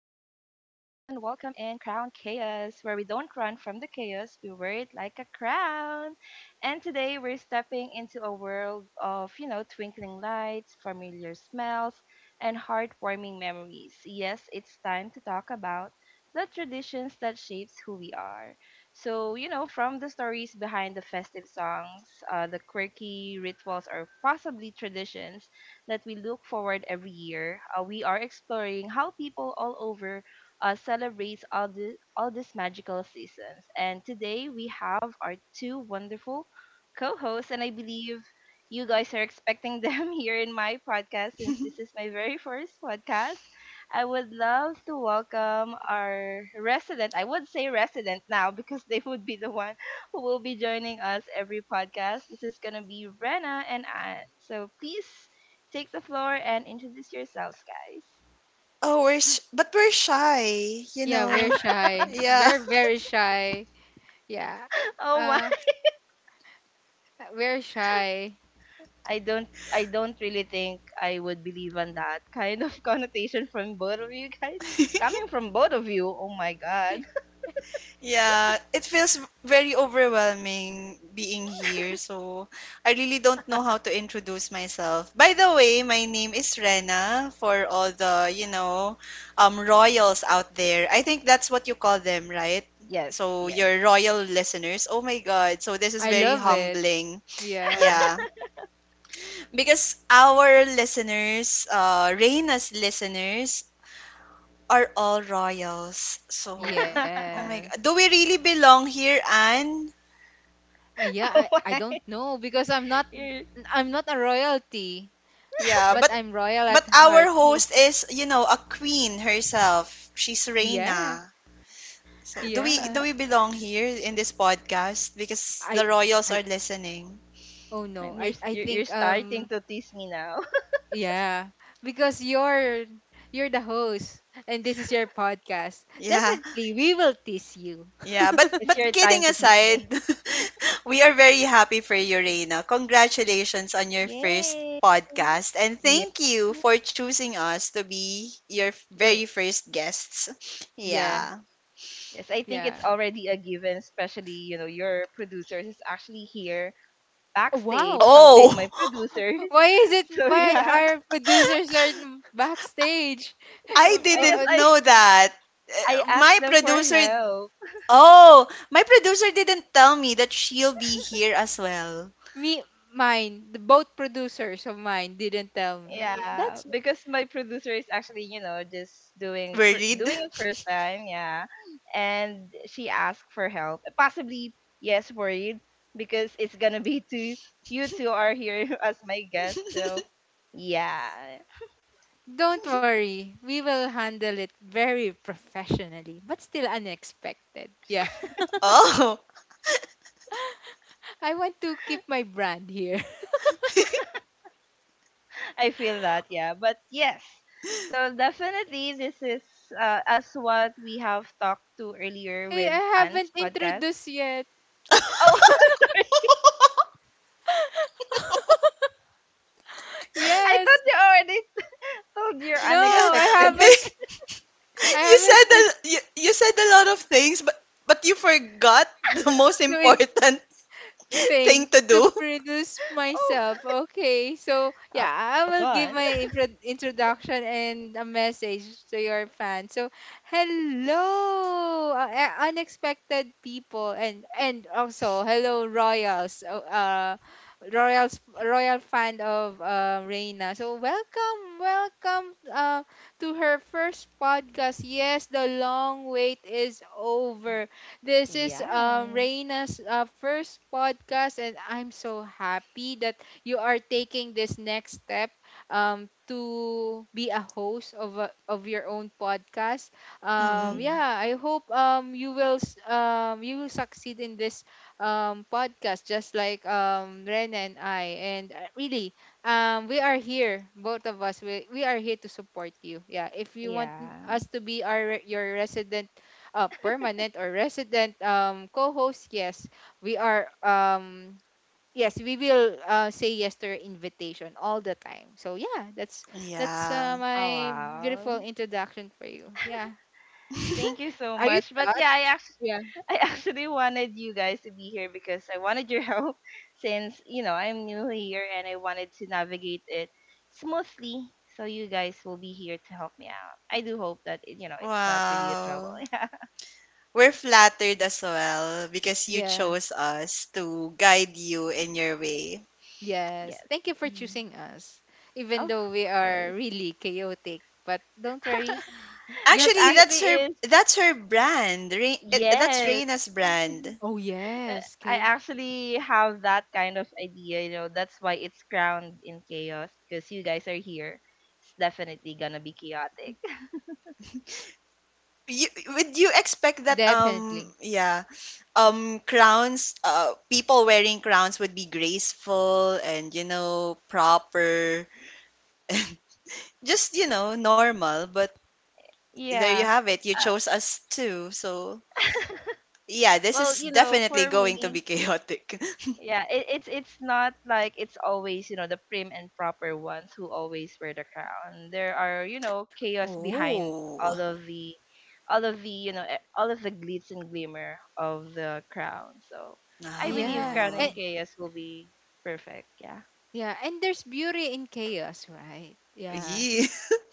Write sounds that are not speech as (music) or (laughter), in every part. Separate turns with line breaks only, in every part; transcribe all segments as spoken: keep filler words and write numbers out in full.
welcome in Crown Chaos, where we don't run from the chaos, we wear it like a crown. And today we're stepping into a world of, you know, twinkling lights, familiar smells, and heartwarming memories. Yes, it's time to talk about the traditions that shapes who we are. So, you know, from the stories behind the festive songs, uh, the quirky rituals, or possibly traditions that we look forward every year. Uh, we are exploring how people all over uh, celebrate all, the, all these magical seasons. And today we have our two wonderful co hosts, and I believe you guys are expecting them (laughs) here in my podcast, since this is my very first podcast. I would love to welcome our resident. I would say resident now (laughs) because they would be the one who will be joining us every podcast. This is going to be Rena and Anne. So please take the floor and introduce yourselves, guys. (laughs)
Oh, we're sh- but we're shy, you
Yeah, we're
know.
shy.
Yeah.
We're very shy. Yeah.
Oh my.
Uh, we're shy.
I don't I don't really think I would believe on that (laughs) kind of connotation from both of you guys. Coming
(laughs)
from both of you, oh my god.
yeah, it feels very overwhelming being here. So, I really don't know how to introduce myself. By the way, my name is Rena for all the, you know, um royals out there. I think that's what you call them, right?
Yes,
So,
yes.
your royal listeners. Oh my God. So, this is
I
very
love it.
humbling.
Yeah.
Yeah. Because our listeners, uh, Reina's listeners, are all royals. So,
(laughs) Oh
oh my
Yes.
God. Do we really belong here, Anne?
Uh, yeah, I, I
my.
don't know because I'm not
You're,
I'm not a royalty,
Yeah,
but
but
I'm royal at
but our
heart. (laughs)
host is, you know, a queen herself. She's
Yeah.
Reina. So, do we
Yeah.
do we
(laughs)
belong here in this podcast because
I
the royals are
I
listening?
oh no.
and you're,
I
s-
I
you're you're
think
starting
um
to tease me now. (laughs)
yeah, because you're you're the host and this is your podcast.
Yeah.
Definitely we will tease you.
Yeah, but
It's your
but
time
kidding
to tease me.
aside, (laughs) we are very happy for you, Reina. Congratulations on your first
Yay.
podcast, and
(laughs) Yeah.
thank you for choosing us to be your f-
You're,
very first guests.
yeah,
Yeah.
Yes, I think it's
yeah.
already a given, especially, you know, your producers is actually here
Oh,
backstage
wow.
helping
Oh,
my
(gasps)
producers.
Why is
(laughs)
it
So
why
yeah,
our producers are n-
(laughs)
backstage? (laughs)
I
Um, Uh,
because
uh,
didn't
I
know that.
I
Uh,
asked
My
them for
producer,
help.
oh, my producer didn't tell me that she'll be here as well.
me mine, the both producers of mine didn't tell me. Yeah,
Yeah,
That's
because my producer is actually, you know, just doing for,
Worried?
doing it
(laughs)
first time, yeah. And she asked for help. Possibly yes, worried because it's going to be (laughs) two you two are here (laughs) as my guests. So yeah,
don't worry. We will handle it very professionally, but still unexpected. Yeah.
Oh.
(laughs) I want to keep my brand here. (laughs)
I feel that, yeah. But yes, so definitely this is uh, as what we have talked to earlier
Hey, I
with
haven't
Anne's podcast.
introduced yet.
Oh, (laughs) sorry.
(laughs)
I
Yes.
thought you already told your
No,
Yeah,
I
unexpected.
(laughs)
haven't
(laughs)
babe,
I
you
haven't
said
been
a, you, you said a lot of things, but but you forgot the most
to
important (laughs) thing
thing
to
to
do.
produce
Oh,
myself. Okay, so yeah, I
(laughs)
will give
gone.
my intro- introduction and a message to your fans. So, hello, uh, uh, unexpected people, and and also hello, royals. Uh, uh, Royals, royal fan of uh, Reina. So welcome, welcome uh, to her first podcast. Yes, the long wait is over. This is um,
Yes.
Reina's uh, first podcast, and I'm so happy that you are taking this next step um, to be a host of a, of your own podcast.
Mm-hmm.
Um, yeah,
Mm-hmm.
I hope um, you will s- um, you will succeed in this um, podcast, just like um, Rena and I. And uh, really, um, we are here, both of us. We we are here to support you. Yeah, if you want
Yeah.
us to be our your resident uh, permanent or resident um, co-host, yes, we are. Um, yes, we will uh, say yes to your invitation all the time. So yeah, that's that's uh,
Yeah.
Oh,
my
wow.
beautiful introduction for you. Yeah,
Thank
(laughs)
you so
are you
much. But yeah,
touched?
I
Yeah,
I actually wanted you guys to be here because I wanted your help (laughs) since, you know, I'm new here and I wanted to navigate it smoothly. So you guys will be here to help me out. I do hope that, it- you know, it's not really a trouble.
Wow.
(laughs) Yeah.
We're flattered as well because you
yeah,
chose us to guide you in your way.
yes.
Yes.
Thank you for choosing us, even
Of
though we are
course.
really chaotic. But don't worry,
(laughs) That
you
Actually,
we.
actually
that's her
is
that's her brand. Rain, it, that's
yes.
Reina's brand.
Oh
Uh,
yes,
I
okay,
actually have that kind of idea, you know, that's why it's crowned in chaos, because you guys are here. It's definitely gonna be chaotic.
You would you expect that um
definitely.
yeah, um crowns, uh people wearing crowns would be graceful and, you know, proper (laughs) just, you know, normal. But
(laughs)
there you
Yeah.
have it, you
Uh,
chose us too. So yeah, this
Well,
is
you know,
definitely
for
going to
me,
be chaotic.
yeah, it, it's it's not like it's always, you know, the prim and proper ones who always wear the crown. There are, you know,
(laughs)
chaos behind
Oh.
all of the, all of the, you know, e- all of the glitz and glimmer of the crown. So I believe
Yeah.
crown
Oh
and
And
chaos will be perfect. Yeah.
yeah, and there's beauty in chaos, right? Yeah.
yeah.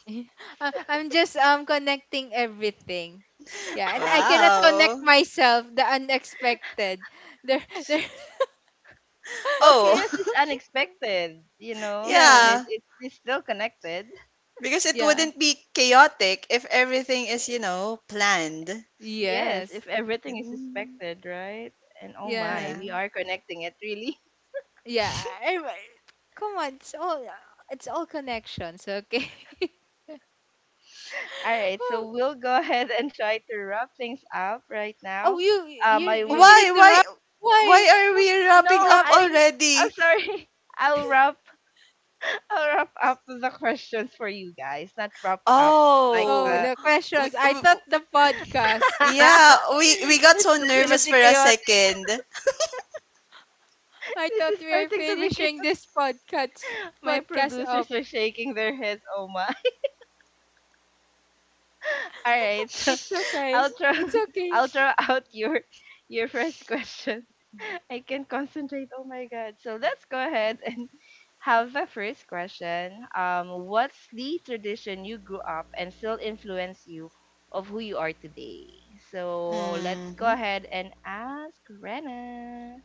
(laughs) I-
(laughs)
I'm just um connecting everything. Yeah,
(laughs)
and I cannot connect
Wow.
myself the unexpected. There there
Well,
Oh.
chaos is
(laughs)
unexpected, you
(laughs)
know, so
yeah,
it,
Yeah,
it it's still connected.
because it
yeah.
wouldn't be chaotic if everything
Uh,
is, you know, planned.
Yes, if
Yes.
everything is
Mm,
suspected, right? And oh my,
Yeah.
yeah.
we are connecting it really.
Yeah. I- I- Come on, it's all it's all connections, okay? (laughs)
All right, so
oh,
we'll go (laughs) ahead and try to wrap things up right
oh,
now.
you
Um,
you
I would
you need
why
to
why
wrap.
why
Why?
are
Why
we
no,
wrapping up
I
wrapping?
I'm
already?
sorry. (laughs) I'll wrap (laughs) I'll wrap up the questions for you guys, not wrap up like
Oh,
Oh,
the.
the
we,
questions. I
we,
thought the podcast.
(laughs)
yeah, we we got
It's
so nervous
definitely
for a
chaotic.
second. (laughs)
I
This
thought
is
we were
starting to be
finishing
chaotic.
this podcast
(laughs) My
podcast
producers
up.
are shaking their heads. Oh my! (laughs) All right, so
It's okay.
I'll throw
It's
(laughs)
okay.
I'll throw out your your first question. (laughs) I can concentrate. Oh my god! So let's go ahead and have a first question. Um, what's the tradition you grew up and still influence you of who you are today? So let's go
Hmm.
ahead and ask Rena.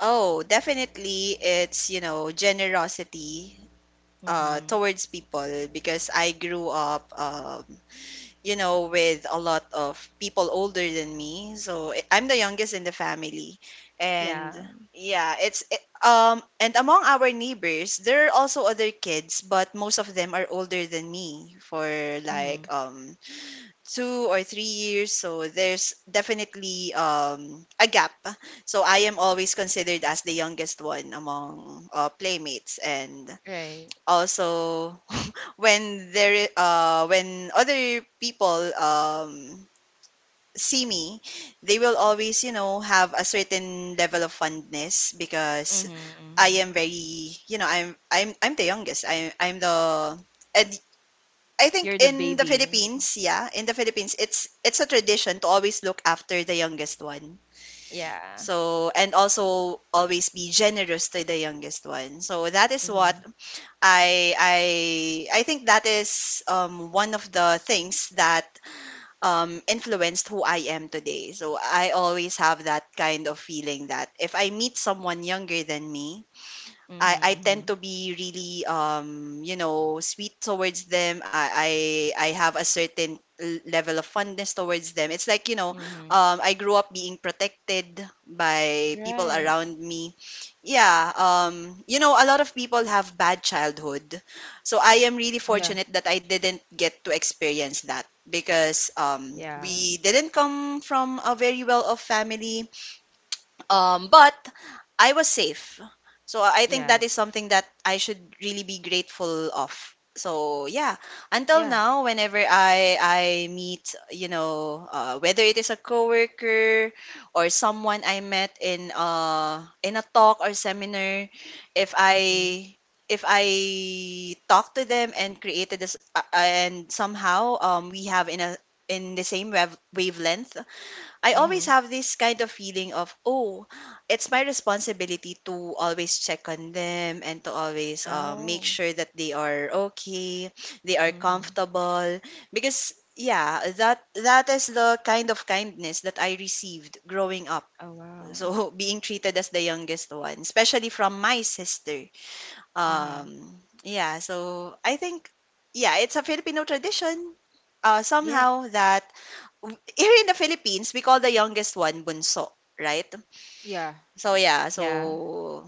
Oh, definitely it's, you know, generosity uh
Mm-hmm.
towards people because I grew up um you know, with a lot of people older than me. So I- I'm the youngest in the family. And
Yeah.
yeah, it's it, um and among our neighbors, there are also other kids, but most of them are older than me for
Mm-hmm.
like um two or three years. So there's definitely um a gap. So I am always considered as the youngest one among uh, playmates and
Right.
also when there uh when other people um see me, they will always, you know, have a certain level of fondness because
Mm-hmm,
i
mm-hmm.
am very you know i'm i'm i'm the youngest, i i'm the And I think
You're the
in the
baby.
Philippines, yeah, in the Philippines, it's it's a tradition to always look after the youngest one.
Yeah.
So, and also always be generous to the youngest one. So that is what
Mm-hmm.
I I I think that is, um, one of the things that um, influenced who I am today. So I always have that kind of feeling that if I meet someone younger than me,
Mm-hmm.
I, I tend
Mm-hmm.
to be really um you know sweet towards them. I, I I have a certain l- level of fondness towards them. It's like, you know,
Mm-hmm.
um I grew up being protected by people
Right.
around me. Yeah. Um you know, a lot of people have bad childhood, so I am really
Yeah,
Mm-hmm.
fortunate that I didn't get to experience that because um
Yeah.
we didn't come from a very well off family. Um, but I was safe. So I think
Yeah.
that is something that I should really be grateful of. So yeah, until
yeah,
now, whenever I I meet, you know, uh, whether it is a coworker or someone I met in uh in a talk or seminar, if
Mm-hmm.
I if I talk to them and created this uh, and somehow um we have in a in the same wav- wavelength, I always
Mm-hmm.
have this kind of feeling of, oh, it's my responsibility to always check on them and to always, um, make
Oh.
sure that they are okay, they are
Mm-hmm.
comfortable. Because, yeah, that that is the kind of kindness that I received growing up.
Oh wow.
So (laughs) being treated as the youngest one, especially from my sister.
Mm-hmm.
Um, yeah, so I think, yeah, it's a Filipino tradition uh,
Yes.
somehow that here in the Philippines, we call the youngest one bunso, right?
yeah.
So yeah,
Yeah.
so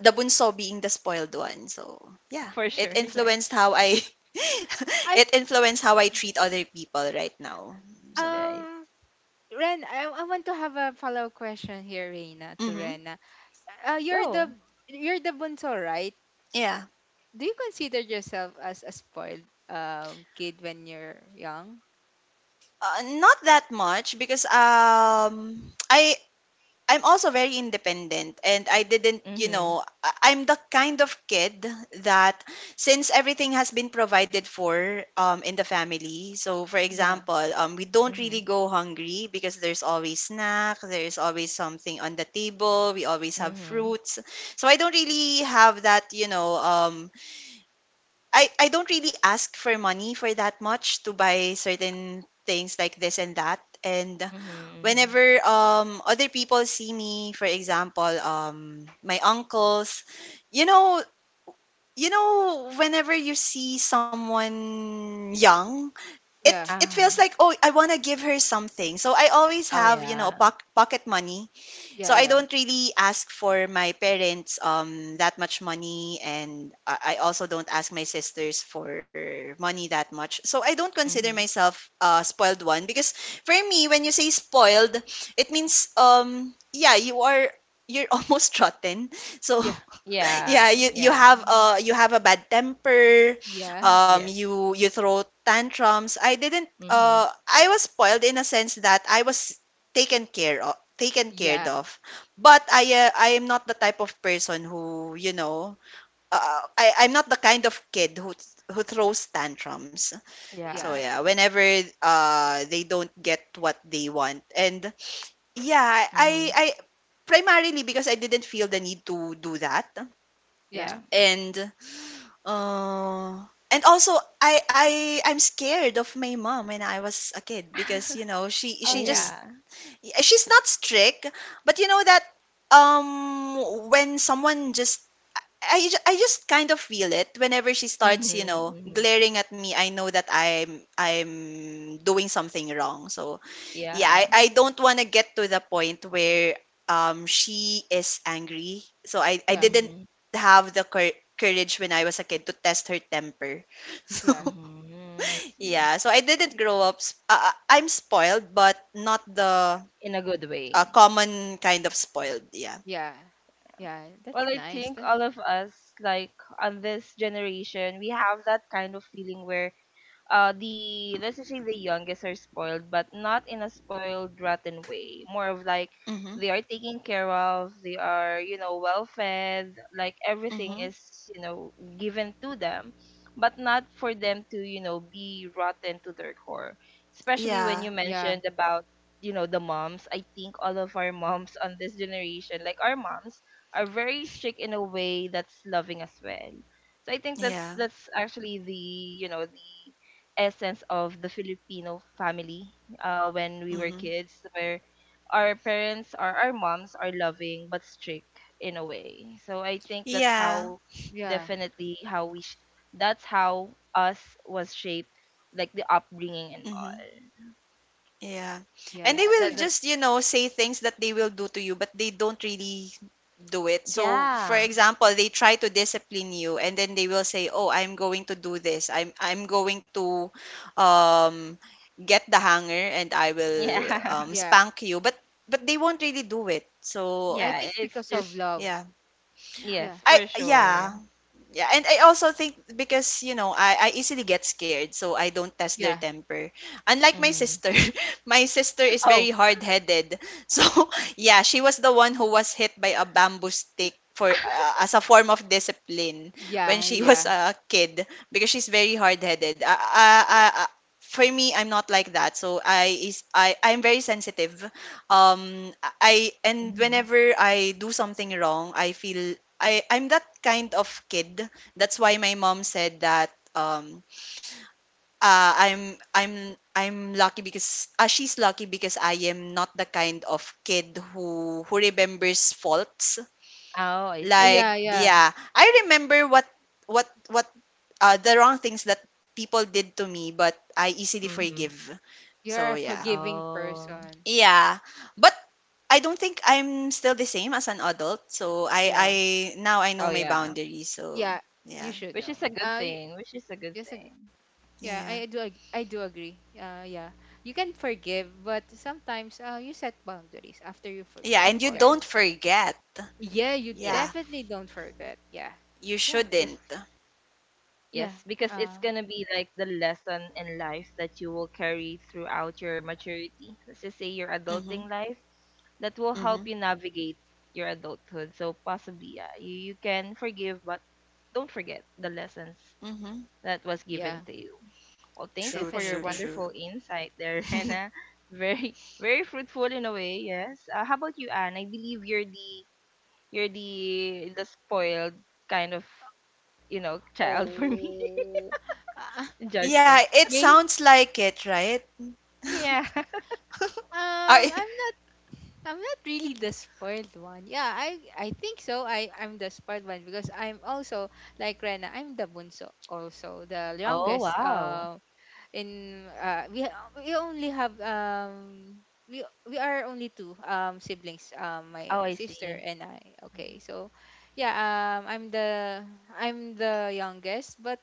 the bunso being the spoiled one. So yeah,
For
it
sure. (laughs) Yeah.
influenced how I (laughs)
I
it influenced how I treat other people right now. So
Right.
um Ren, I, I want to have a follow-up question here, Reina, to
mhm.
Rena. Uh, you're
Go.
the you're the bunso, right?
Yeah.
Do you consider yourself as a spoiled um kid when you're young?
Uh, not that much because um (tsk) I I'm also very independent and I didn't, you
Mhm.
know, I- I'm the kind of kid that since everything has been provided for um in the family. So for
Yeah,
example, um we don't really
Mhm.
go hungry because there's always snack, there's always something on the table, we always have
Mhm.
fruits. So I don't really have that, you know, um I, I don't really ask for money for that much to buy certain things like this and that. And
Mhm. Mhm.
whenever um other people see me, for example, um my uncles, you know, you know, whenever you see someone young, it
yeah,
it feels
Ah.
like, oh, I wanna give her something. So I always
Oh
have, you know,
yeah.
poc- pocket money.
yeah,
So I
yeah,
don't really ask for my parents um that much money, and I I also don't ask my sisters for money that much. So I don't consider
Mhm.
myself a spoiled one because for me when you say spoiled, it means, um yeah, you are you're (laughs) almost rotten. So
yeah,
yeah,
Yeah.
you you
Yeah.
have uh you have a bad temper.
yeah,
Um
Yes.
you you throw tantrums. I didn't
Mhm.
uh I was spoiled in a sense that I was taken care of, taken care
yeah,
of. But I uh, I am not the type of person who, you know, uh, I I'm not the kind of kid who who throws tantrums. So
Yeah.
yeah,
yeah, whenever uh they don't get what they want. And yeah, I
Mhm.
I primarily because I didn't feel the need to do that.
Yeah.
yeah.
And uh, and also I I I'm scared of my mom when I was a kid because, you know,
(laughs)
she
Oh
she
Oh,
just
yeah.
yeah, she's not strict but you know that um when someone just I, ju- I just kind of feel it whenever she
Mhm.
starts, you know,
Mhm.
glaring at me. I know that I'm I'm doing something wrong. So yeah,
yeah,
Yeah.
I, I don't want to get to the point where um she is angry. So I I
yeah,
didn't
Mhm.
have the cour- courage when I was a kid to test her temper. (laughs) So
yeah.
Mhm. I see.
yeah, so I didn't grow up sp- uh, uh, I'm spoiled but not the
In a good
uh,
way.
common kind of spoiled, yeah.
Yeah. Yeah,
Well,
that's
I
nice.
think
That
all of us, like on this generation, we have that kind of feeling where uh the let's just say the youngest are spoiled but not in a spoiled rotten way, more of like
Mhm.
they are taken care of, they are, you know, well fed, like everything
Mhm.
is, you know, given to them, but not for them to, you know, be rotten to their core, especially when
Yeah.
you
yeah,
mentioned about, you know, the moms. I think all of our moms on this generation, like our moms, are very strict in a way that's loving as well. So I think that's
Yeah.
that's actually the, you know, the essence of the Filipino family, uh, when we were
Mhm.
kids, where our parents or our moms are loving but strict in a way. So I think that's
Yeah.
how
yeah,
definitely how we sh- that's how us was shaped, like the upbringing and
Mhm.
all.
Yeah.
yeah,
And
Yeah,
they will
that
yeah,
that
just, you know, say things that they will do to you, but they don't really do it. So, for
yeah
example, they try to discipline you and then they will say, "Oh, I'm going to do this. I'm I'm going to um get the hanger and I will um
yeah
yeah.
spank you." But but they won't really do it.
(laughs)
So,
I
yeah.
think
It's
because of
just
love.
yeah.
yes
Yeah.
I
for sure.
yeah. Yeah, and I also think because, you know, I, I easily get scared, so I don't test
Yeah.
their temper. Unlike my
Hmm.
sister, (laughs) my sister is very
Oh.
hard-headed. So (laughs) yeah, she was the one who was hit by a bamboo stick for uh,
(laughs)
as a form of discipline when
Yeah,
she (laughs) was
yeah.
a kid because she's very hard-headed. Uh, uh,
Yeah.
uh, uh, for me, I'm not like that. So I is I I'm very sensitive. Um, I and
Hmm.
whenever I do something wrong, I feel I I'm that kind of kid. That's why my mom said that um uh, I'm I'm I'm lucky because uh, she's lucky because I am not the kind of kid who who remembers faults.
Oh, I
Uh,
Like
Yeah,
see.
yeah.
yeah, I remember what what what uh, the wrong things that people did to me, but I easily
Mm-hmm. Hmm.
forgive.
You're
So
a
yeah.
forgiving
Oh.
person.
Yeah. But I don't think I'm still the same as an adult. So I I
Yeah.
now I
Oh
know my
yeah.
boundaries. So
Yeah. You
yeah.
should
Which
know.
is a good
Uh y-
thing. Which is a good
yes, ag-
thing.
yeah,
Yeah.
I do ag- I do agree. Uh yeah. You can forgive, but sometimes uh you set boundaries after you
Yeah,
forgive.
and
Of
you
Yeah.
course.
don't forget.
Yeah, you
Yes.
Yeah,
definitely don't forget. Yeah.
you
Yeah.
Yes.
shouldn't.
Yeah.
Yes, because it's
Uh
gonna be like the lesson in life that you will carry throughout your maturity. Let's just say your adulting
Mhm.
life that will help you
Mhm.
navigate your adulthood. So possibly, yeah, you, you can forgive, but don't forget the lessons
Mhm.
that was
yeah,
given to you. Well, thank you
True,
for your
true,
definitely.
true.
wonderful insight there, (laughs)
(laughs)
Hannah. Very, very fruitful in a way. Yes. Uh, how about you, Anne? I believe you're the you're the the spoiled kind of, you know, (laughs) child for me.
Oh, uh,
(laughs)
Yeah,
Judgment.
it
may
sounds like it, right?
Yeah.
(laughs)
um,
I
I'm not. I'm not really the spoiled one. Yeah, I I think so. I I'm the spoiled one because I'm also like Rena. I'm the bunso, also the
(laughs) Oh
youngest.
wow.
Um. in uh, we we only have um we we are only two um siblings, um my
Oh, I
sister
see.
and I. Okay, so yeah, um I'm the I'm the youngest, but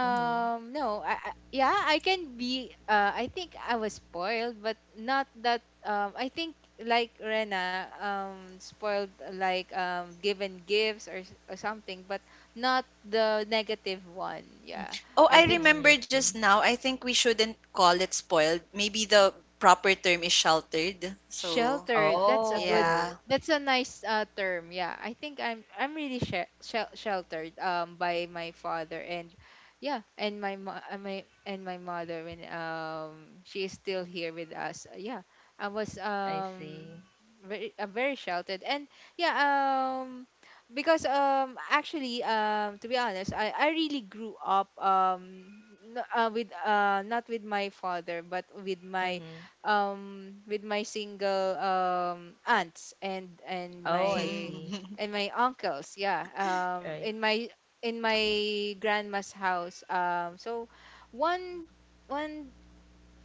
Mm-hmm.
no, I, I yeah I can be uh I think I was spoiled, but not that um I think, like Rena, um spoiled like um given gifts or, s- or something, but not the negative one. Yeah,
oh,
I
I
think.
Mm, I
remember
see.
just now. I think we shouldn't call it spoiled. Maybe the proper term is sheltered. So,
Sheltered. That's a good.
Oh,
yeah. (laughs)
That's a nice uh, term. Yeah, I think I'm I'm really she- shel- sheltered um by my father, and yeah, and my mo- uh, my and my mother when um she is still here with us. Uh, Yeah, I was
I
um
see.
very uh, very sheltered, and yeah, um because um actually, um to be honest, I I really grew up, um n- uh, with uh not with my father, but with my
Mm-hmm.
um with my single um aunts and and
Oh, I
my
see.
Mhm.
and my uncles. Yeah, um
Right.
in my in my grandma's house. Um so one one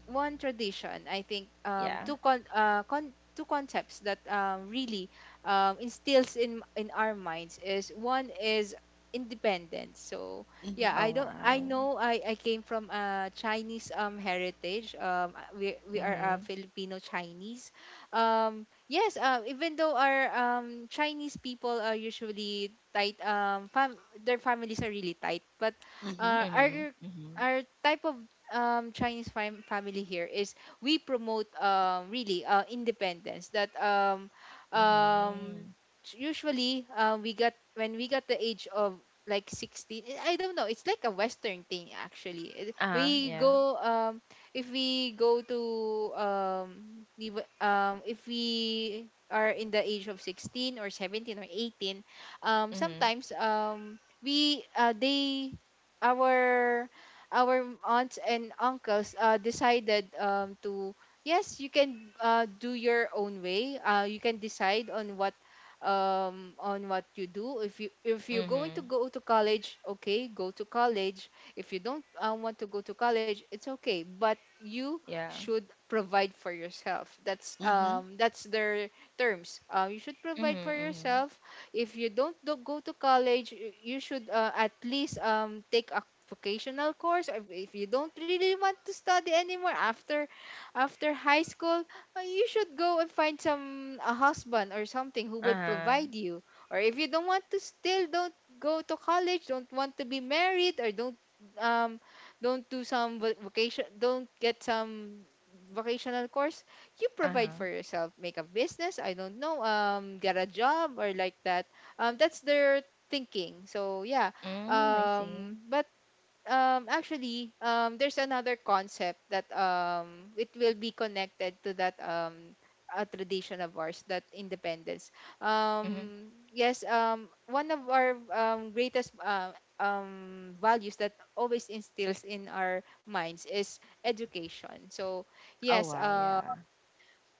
one tradition, I think, um
Yeah.
two con- uh, con- two concepts that um, really um, instills in in our minds is, one is independence. So yeah,
Mhm.
Oh
I don't, I
wow.
know, i i came from a Chinese um heritage, um uh, we we are a
Mm-hmm.
Filipino Chinese. Um yes, uh, even though our um Chinese people are usually tight, um fam- their families are really tight, but uh
Mhm.
Mm-hmm.
our
Mm-hmm.
our type of um, Chinese fam- family here is, we promote, um, really, uh, independence. That um, um,
Mm-hmm.
s- Usually, uh, we got, when we got the age of like sixteen, i I don't know, it's like a western thing, actually. It-
Uh-huh,
we
yeah.
go, um if we go to um we w- um if we are in the age of sixteen or seventeen or eighteen, um
Mm-hmm.
sometimes um we uh, they our our aunts and uncles uh, decided um, to, yes, you can uh, do your own way, uh, you can decide on what, um on what you do. If you, if you're going to
Mm-hmm.
go to college, okay, go to college. If you don't uh, want to go to college, it's okay, but you
Yeah.
should provide for yourself. That's
Mhm.
um that's their terms, uh, you should
Mm-hmm.
provide for
Mm-hmm.
yourself. If you don't do, go to college, y- you should uh, at least um take a vocational course. If, if you don't really want to study anymore after after high school, uh, you should go and find some a husband or something who will
Uh-huh.
provide you, or if you don't want to, still don't go to college, don't want to be married, or don't um don't do some vo- vocation, don't get some vocational course, you provide
Uh-huh.
for yourself, make a business, I don't know, um get a job or like that. Um that's their thinking. So yeah,
Mm, I see.
um but um actually, um there's another concept that, um it will be connected to that, um a tradition of ours, that independence,
Mm-hmm.
um yes, um one of our um greatest uh, um values that always instills in our minds is education. So
Oh
yes,
wow,
um
yeah.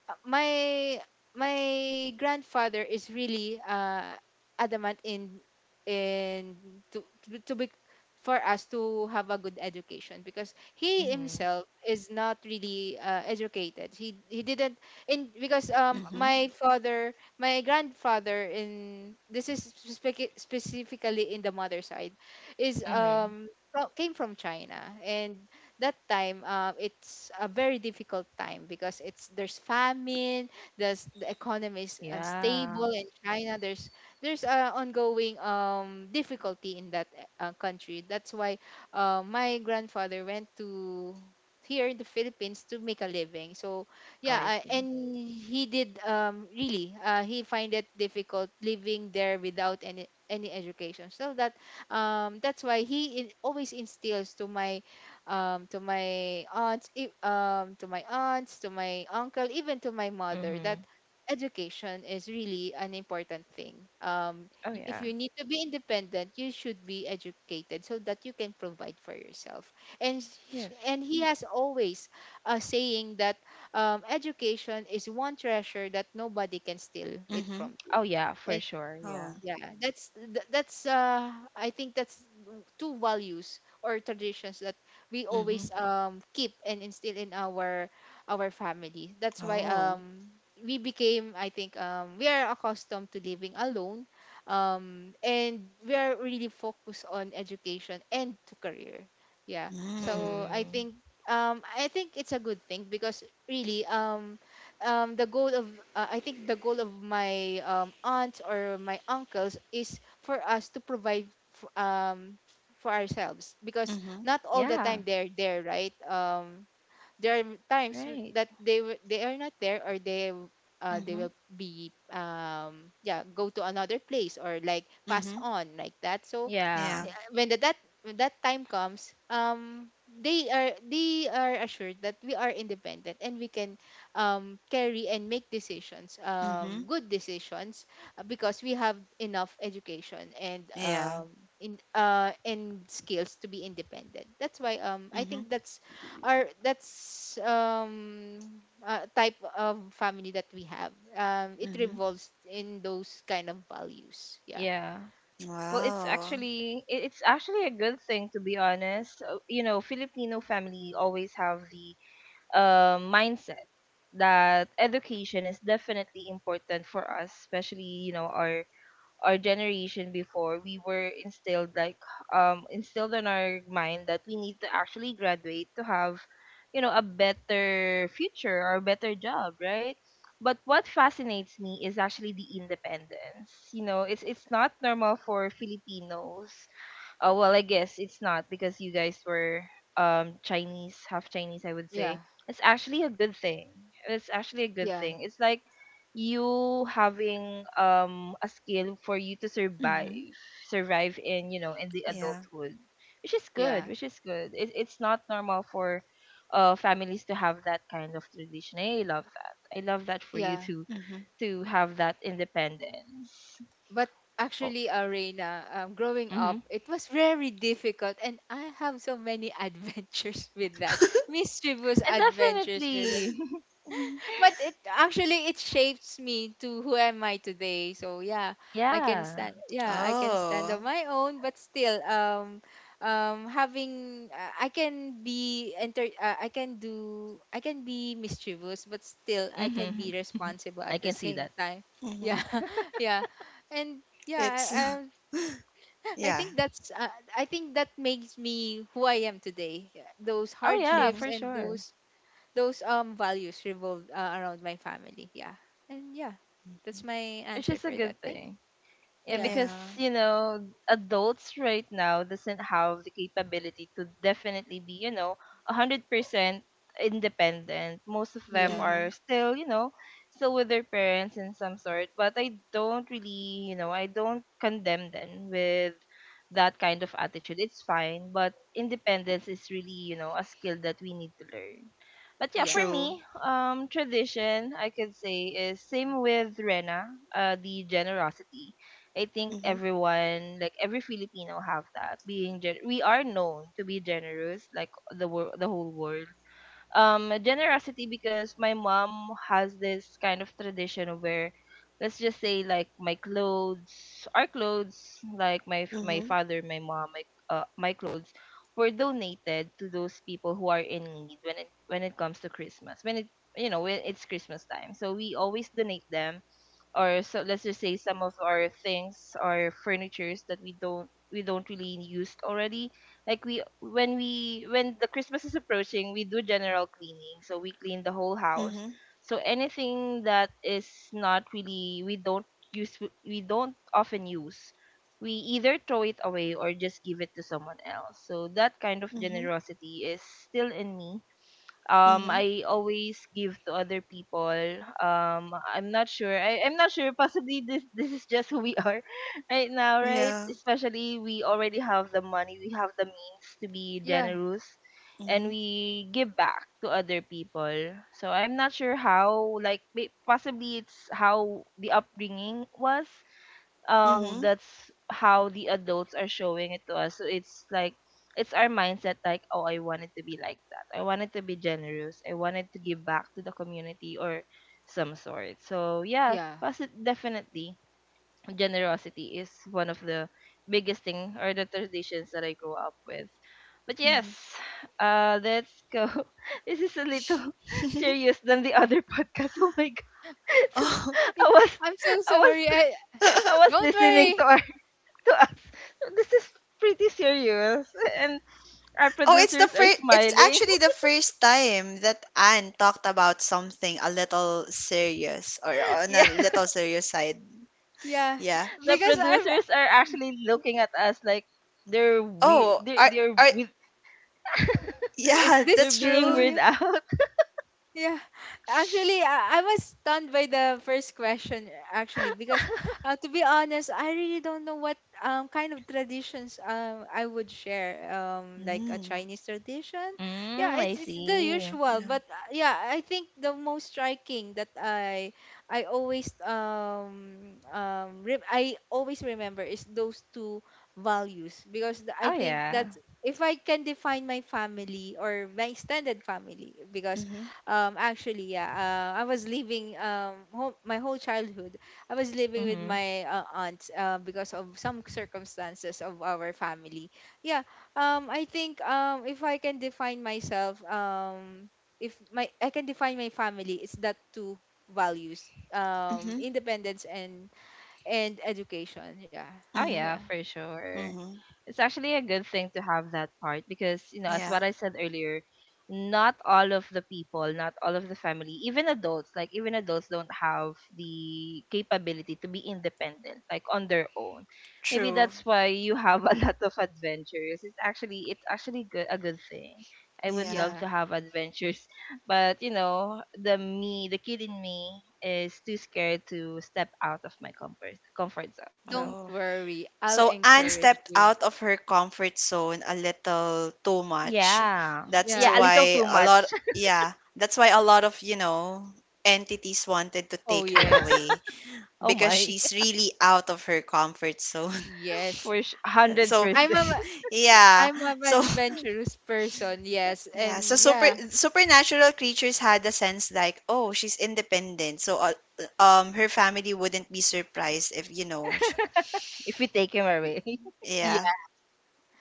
uh, my my grandfather is really uh adamant in in to to, to be, for us to have a good education, because he
Mhm.
himself is not really uh, educated. He he didn't in because um
Mhm.
my father my grandfather in this, is spec- specifically in the mother side, is
Mhm.
um fro- came from China. And that time, um, it's a very difficult time, because it's there's famine, there's the economy is unstable
Yeah.
in China, there's there's a ongoing um, difficulty in that uh, country. That's why uh, my grandfather went to here in the Philippines to make a living. So
Oh,
yeah,
I
uh,
see.
and he did, um, really uh, he find it difficult living there without any any education. So that, um, that's why he in, always instills to my um, to my aunts, e- um, to my aunts, to my uncle, even to my mother that
Mhm.
education is really an important thing. Um,
Oh,
y- if
yeah.
you need to be independent, you should be educated so that you can provide for yourself. And sh-
Yes.
and he has always a saying that um, education is one treasure that nobody can steal it from
Mhm.
you.
Oh, yeah. For sure. Yeah.
Oh.
Yeah, that's th- that's, uh I think that's two values or traditions that we always
Mhm.
um keep and instill in our our family. That's why
Oh.
um we became, I think um we are accustomed to living alone, um and we are really focused on education and to career. Yeah. So
Mm.
I
Mhm.
think um I think it's a good thing, because really, um um the goal of, uh, I think the goal of my um aunts or my uncles is for us to provide f- um for ourselves, because
Mhm.
not all the
Yeah.
time they're there, right? Um there are times w-
Right.
that they w- they are not there, or they w- uh, they will
Mhm.
be, um yeah, go to another place or like pass
Mhm.
on like that. So
Yeah.
Yeah.
when the, that when that time comes, um they are, they are assured that we are independent, and we can um carry and make decisions, um
Mhm.
good decisions, uh, because we have enough education and
Yeah.
um in uh and skills to be independent. That's why um I
Mhm.
think that's our that's um uh, type of family that we have. Um it
Mhm.
revolves in those kind of values. Yeah.
Yeah. Well, it's
Wow.
actually it- it's actually a good thing to be honest. Uh, You know, Filipino family always have the uh, mindset that education is definitely important for us, especially, you know, our our generation before. We were instilled like, um, instilled in our mind that we need to actually graduate to have, you know, a better future or a better job, right? But what fascinates me is actually the independence. You know, it's it's not normal for Filipinos. Oh well, I guess it's not because you guys were, um, Chinese, half Chinese, I would
Yeah,
say. It's actually a good thing. It's actually a good
yeah,
thing. It's like you having, um, a skill for you to
Mhm.
survive, survive in, you know, in the
Yeah.
adulthood, which is good,
yeah,
which is good. It, it's not normal for uh families to have that kind of tradition. I love that. I love that for you
yeah.
to
Mhm.
to have that independence.
But
Oh,
actually, arena, um, growing
mm-hmm.
up it was very difficult, and I have so many (laughs) adventures with that
(laughs)
mischievous adventures with,
Definitely. (laughs)
but it actually it shapes me to who am I today. So yeah, I can
Yeah.
stand. Yeah, I can stand on
Oh.
my own, but still, um, um, having uh, I can be enter. Uh, I can do. I can be mischievous, but still I can be
Mm-hmm.
responsible
(laughs) I
at the
can see
same
that.
time. Yeah,
Mhm.
(laughs) yeah, and
It's
yeah. Um,
(laughs)
I
yeah.
think that's. Uh, I think that makes me who I am today. Yeah, those
Oh yeah,
hardships
Mhm.
for
and
sure.
those those um values revolve uh, around my family. Yeah. And yeah, that's my
It's
answer
just a
for that.
good
Thank.
thing. Yeah,
Yeah.
because
Yeah.
you know, adults right now doesn't have the capability to definitely be, you know, a hundred percent independent. Most of them
Yeah.
are
Mhm.
still, you know, still with their parents in some sort. But I don't really, you know, I don't condemn them with that kind of attitude. It's fine, but independence is really, you know, a skill that we need to learn. But yeah,
Yeah.
for
True.
me, um, tradition I could say is same with Rena, uh, the generosity. I think
Mhm.
everyone, like every Filipino, have that. Being gen- we are known to be generous, like the world, the whole world. Um, generosity, because my mom has this kind of tradition of where, let's just say, like my clothes, our clothes, like my f- my
Mhm.
father, my mom, my, uh, my clothes were donated to those people who are in need when it when it comes to Christmas. When it you know, when it's Christmas time, so we always donate them. Or so let's just say some of our things or furnitures that we don't we don't really use already, like we when we when the Christmas is approaching, we do general cleaning, so we clean the whole house.
Mhm.
So anything that is not really we don't use, we don't often use, we either throw it away or just give it to someone else. So that kind of
Mhm.
generosity is still in me. Um,
Mhm.
I always give to other people. Um, I'm not sure. I, I'm not sure. (laughs) Possibly this this is just who we are (laughs) right now, right?
Yeah.
Especially we already have the money, we have the means to be
Yeah.
generous and
Mhm.
we give back to other people. So I'm not sure how, like, may- possibly it's how the upbringing was. Uh,
Mhm.
that's how the adults are showing it to us. So it's like it's our mindset, like, oh, I wanted to be like that. I wanted to be generous. I wanted to give back to the community or some sort. So yeah,
Yeah.
posit- definitely generosity is one of the biggest thing or the traditions that I grew up with. But yes,
Mhm.
uh, let's go. (laughs) This is a little (laughs)
(laughs)
serious than the other (laughs) podcast. Oh my god! (laughs) So
Oh.
I was,
(laughs) I'm so
I
sorry.
was
I
I was
(laughs)
don't
listening
worry.
to to us. (laughs) This is pretty serious. And our
Oh, it's the
producers are
first, it's
smiling.
actually the first time that Anne talked about something a little serious or
(laughs)
on a
Yeah,
little serious side.
Yeah.
Yeah.
the
Because I'm.
producers are actually looking at us like they're weird.
Oh,
They're,
I
they're,
I
with, (laughs)
Is
yeah, (laughs)
this
they're
that's
being
true.
true?
weird out. (laughs)
Yeah, actually, I, I was stunned by the first question actually because, uh, to be honest, I really don't know what um kind of traditions um I would share um like a
Mm,
Chinese tradition. Yeah,
Mm, I
it's it's the
see.
usual,
yeah.
but uh, yeah, I think the most striking that I I always um um re- I always remember is those two values because the, I
Oh,
think that
yeah.
if I can define my family or my extended family because
Mhm.
um, actually, yeah. Uh, I was living um whole, my whole childhood I was living with
Mm-hmm.
my uh, aunt, uh, because of some circumstances of our family. Yeah. Um, I think um if I can define myself um if my I can define my family, it's that two values, um
Mhm.
independence and and education. Yeah.
Oh
Mhm.
Yeah.
yeah, for sure.
Mhm.
It's actually a good thing to have that part because, you know, as
Yeah.
what I said earlier, not all of the people, not all of the family, even adults, like even adults don't have the capability to be independent, like on their own. Maybe
True.
that's why you have a (laughs) lot of adventures. It's actually it's actually good a good thing. I would
Yeah.
love
Yeah.
to have adventures, but you know, the me, the kid in me is too scared to step out of my comfort comfort zone.
Don't
So
Oh.
worry. I'll
So Anne
encourage
stepped
you.
out of her comfort zone a little too much.
yeah.
That's
Yeah,
Yeah.
a little
why
too
a
much.
lot
(laughs)
Yeah, that's why a lot of, you know, entities wanted to
Oh
take her
yes.
away
Oh
because
my.
she's really out of her comfort zone. (laughs)
(laughs)
Yes,
For
So,
I'm
one hundred percent.
a
(laughs)
(laughs)
y-
yeah.
I'm an
So
adventurous person, yes,
Yeah, so
and
super
yeah,
supernatural creatures had the sense like, oh, she's independent, so uh, um, her family wouldn't be surprised if you know, sh-
If we take him
y-
away. (laughs)
yeah,
yeah,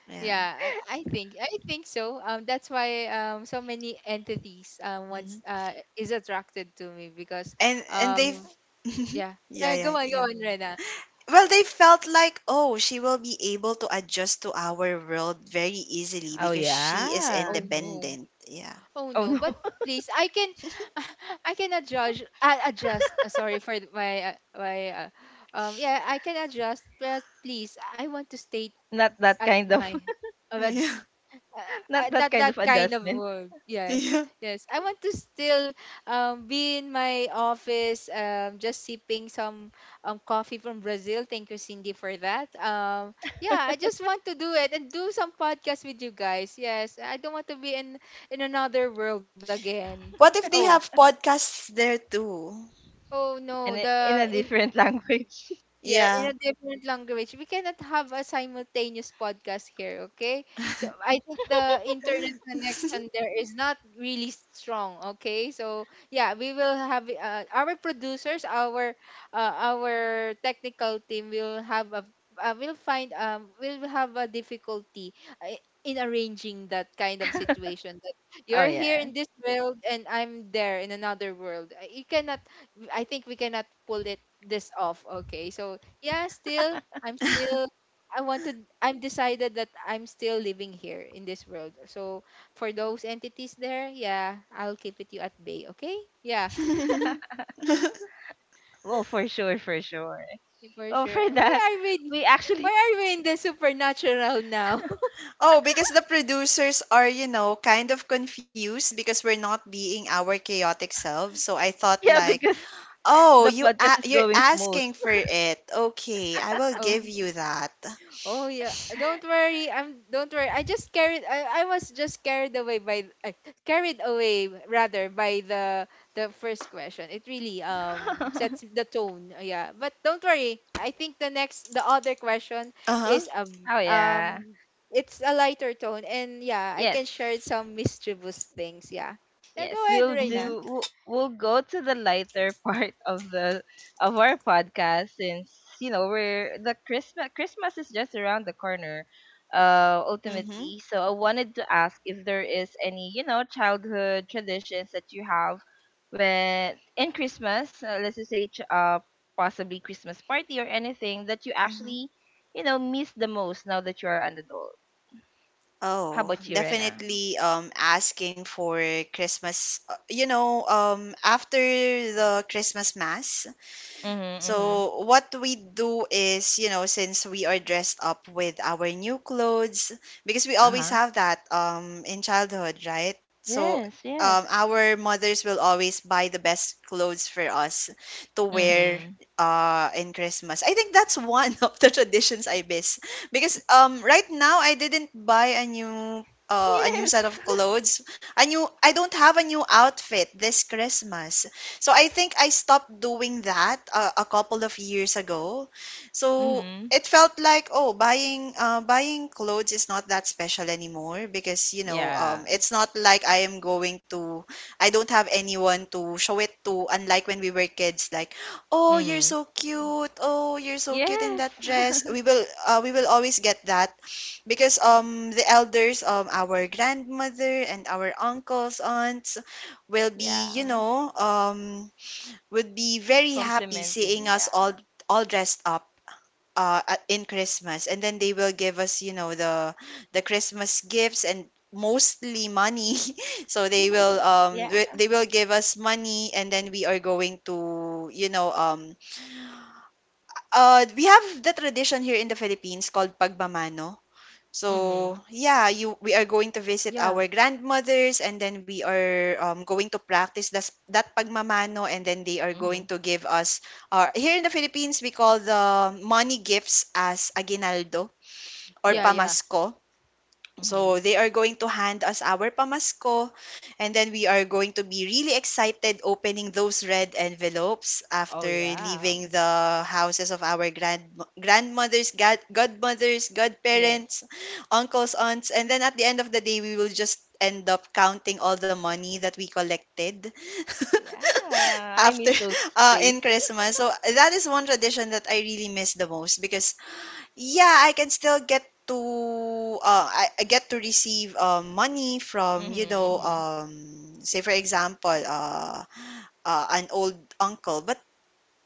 yeah.
yeah. I, I think I think so. Um, that's why um so many entities um
Hmm.
once uh is attracted to me because
And and they.
um
(laughs)
yeah,
Yeah,
yeah, go
yeah,
on, go
yeah.
on, Rena.
Well, they felt like, oh, she will be able to adjust to our world very easily
Oh
because she is
yeah.
Oh no,
independent. Yeah,
oh
Oh
no. But
no. (laughs)
please, I can
(laughs)
(laughs) I cannot judge. I adjust. Uh, sorry for th- my uh, my uh, um yeah I can adjust, but please I want to stay
Not that
at
kind of
my,
(laughs)
yeah,
uh,
not that
not
kind
that
of
kind of
adjustment
work. Yes,
yeah.
yes. I want to still um, be in my office, um, just sipping some um, coffee from Brazil. Thank you, Cindy, for that. Um, yeah, I just want to do it and do some podcast with you guys. Yes, I don't want to be in in another world again.
What if
Oh,
they have podcasts there too?
oh no,
and i- in
the
a
in.
different (laughs) language.
Yeah, in a
Yeah.
different language. We cannot have a simultaneous podcast here, okay? So I think the internet connection there is not really strong, okay? So yeah, we will have uh, our producers, our uh, our technical team will have a uh, will find um will have a difficulty uh, in arranging that kind of situation that
Oh
you're here
yeah.
in this world and I'm there in another world. Uh, You cannot. I think we cannot pull it this off. Okay. So yeah, still I'm still.
(laughs)
I wanted. I'm decided that I'm still living here in this world. So for those entities there, yeah, I'll keep it you at bay, okay? Yeah,
(laughs)
Well, for sure, for sure.
(laughs) for
Oh,
sure.
for that,
Why are we
we
why
actually
are we in the supernatural now? (laughs)
Oh, because the producers are, you know, kind of confused because we're not being our chaotic selves. So I thought
(laughs) yeah,
like,
because
"Oh,
the
you
podcast
a-
is
you're
going smooth.
asking for it. Okay, I will
Oh.
give you that."
Oh yeah, don't
(laughs)
worry. I'm don't worry. I just carried. I, I was just carried away by uh, carried away rather by the the first question. It really um sets
(laughs)
the tone. Uh, Yeah, but don't worry. I think the next the other question is
Uh-huh.
um
Oh yeah.
um it's a lighter tone and yeah I
Yes.
can share some mischievous things. Yeah, yeah. Go
Yes,
ahead,
we'll
Reina.
Mhm.
do. We'll, we'll go to the lighter (laughs) part of the of our podcast since you know we're the Christmas. Christmas is just around the corner. Uh,
Mhm.
ultimately, so I wanted to ask if there is any you know childhood traditions that you have when in Christmas. Uh, let's just say ch- uh
Yeah,
possibly Christmas party or anything that you
Mhm.
actually you know miss the most now that you are an adult. How
Oh,
about you, Rena?
definitely um asking for Christmas, uh, you know, um after the Christmas mass.
Mhm. Mhm.
So what we do is, you know, since we are dressed up with our new clothes, because we
Uh
always
huh.
have that um in childhood, right? So
Yes.
um,
Yes.
our mothers will always buy the best clothes for us to wear
Mhm.
uh in Christmas. I think that's one (laughs) of the traditions I miss, because um right now I didn't buy a new, uh, a new set
Yes.
of
(laughs)
clothes. A new I don't have a new outfit this Christmas. So I think I stopped doing that uh, a couple of years ago. So
Mhm.
it felt like, oh, buying, uh, buying clothes is not that special anymore, because you know
Yeah.
um, it's not like I am going to I don't have anyone to show it to, unlike when we were kids, like, oh, you're
Mhm.
so cute, oh, you're so cute in
Yes.
that dress.
(laughs)
We will uh, we will always get that, because um the elders, um our grandmother and our uncles, aunts will be, you
Yeah.
know, um would be very happy seeing
Complimenting.
us all
Yeah.
all dressed up uh at- in Christmas, and then they will give us, you know, the the Christmas gifts, and mostly money. (laughs) So they will
(laughs)
um
Yeah.
wi- they will give us money, and then we are going to, you know um uh we have the tradition here in the Philippines called pagmamano. So
Mhm.
yeah, you we are going to visit
yeah,
our grandmothers, and then we are, um, going to practice das, that pagmamano, and then they are going
Mhm.
to give us. Uh, here in the Philippines, we call the money gifts as aguinaldo or
yeah, yeah.
Yes.
pamasko. So
Mhm.
they are going to hand us our pamasko, and then we are going to be really excited opening those red envelopes
Oh
after
yeah.
leaving the houses of our grand grandmothers, god, godmothers,
Yes.
godparents, uncles, aunts, and then at the end of the day, we will just end up counting all the money that we collected
Yeah.
(laughs)
I
after
miss those
uh,
days.
in Christmas. So that is one tradition that I really miss the most, because yeah, I can still get to, uh, I, I get to receive, uh, money from, you
Mhm.
know,
Mhm.
um, say, for example, uh, uh, an old uncle. But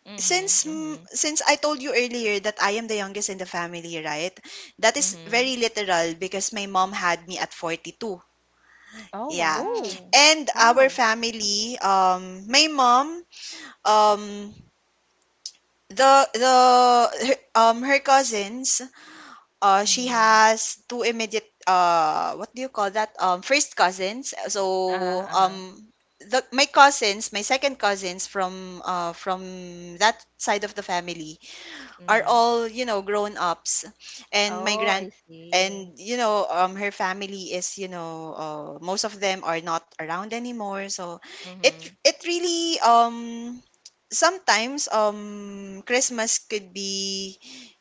Mhm.
since mm,
Mhm.
since I told you earlier that I am the youngest in the family, right? That is
Mhm.
very literal, because my mom had me at forty-two.
Oh
Yeah.
Oh
wow.
And our
wow.
family, um, my mom, um, the the her, um her cousins. Uh, she
Mhm.
has two immediate, uh, what do you call that? Um, first cousins.
Uh
So,
huh. Uh huh.
um, the, my cousins, my second cousins from uh, from that side of the family are
Mhm.
all, you know, grown-ups. And my
Oh,
grand
I see.
and you know, um, her family is, you know, uh, most of them are not around anymore. So it
Mhm.
it really, um sometimes, um Christmas could be,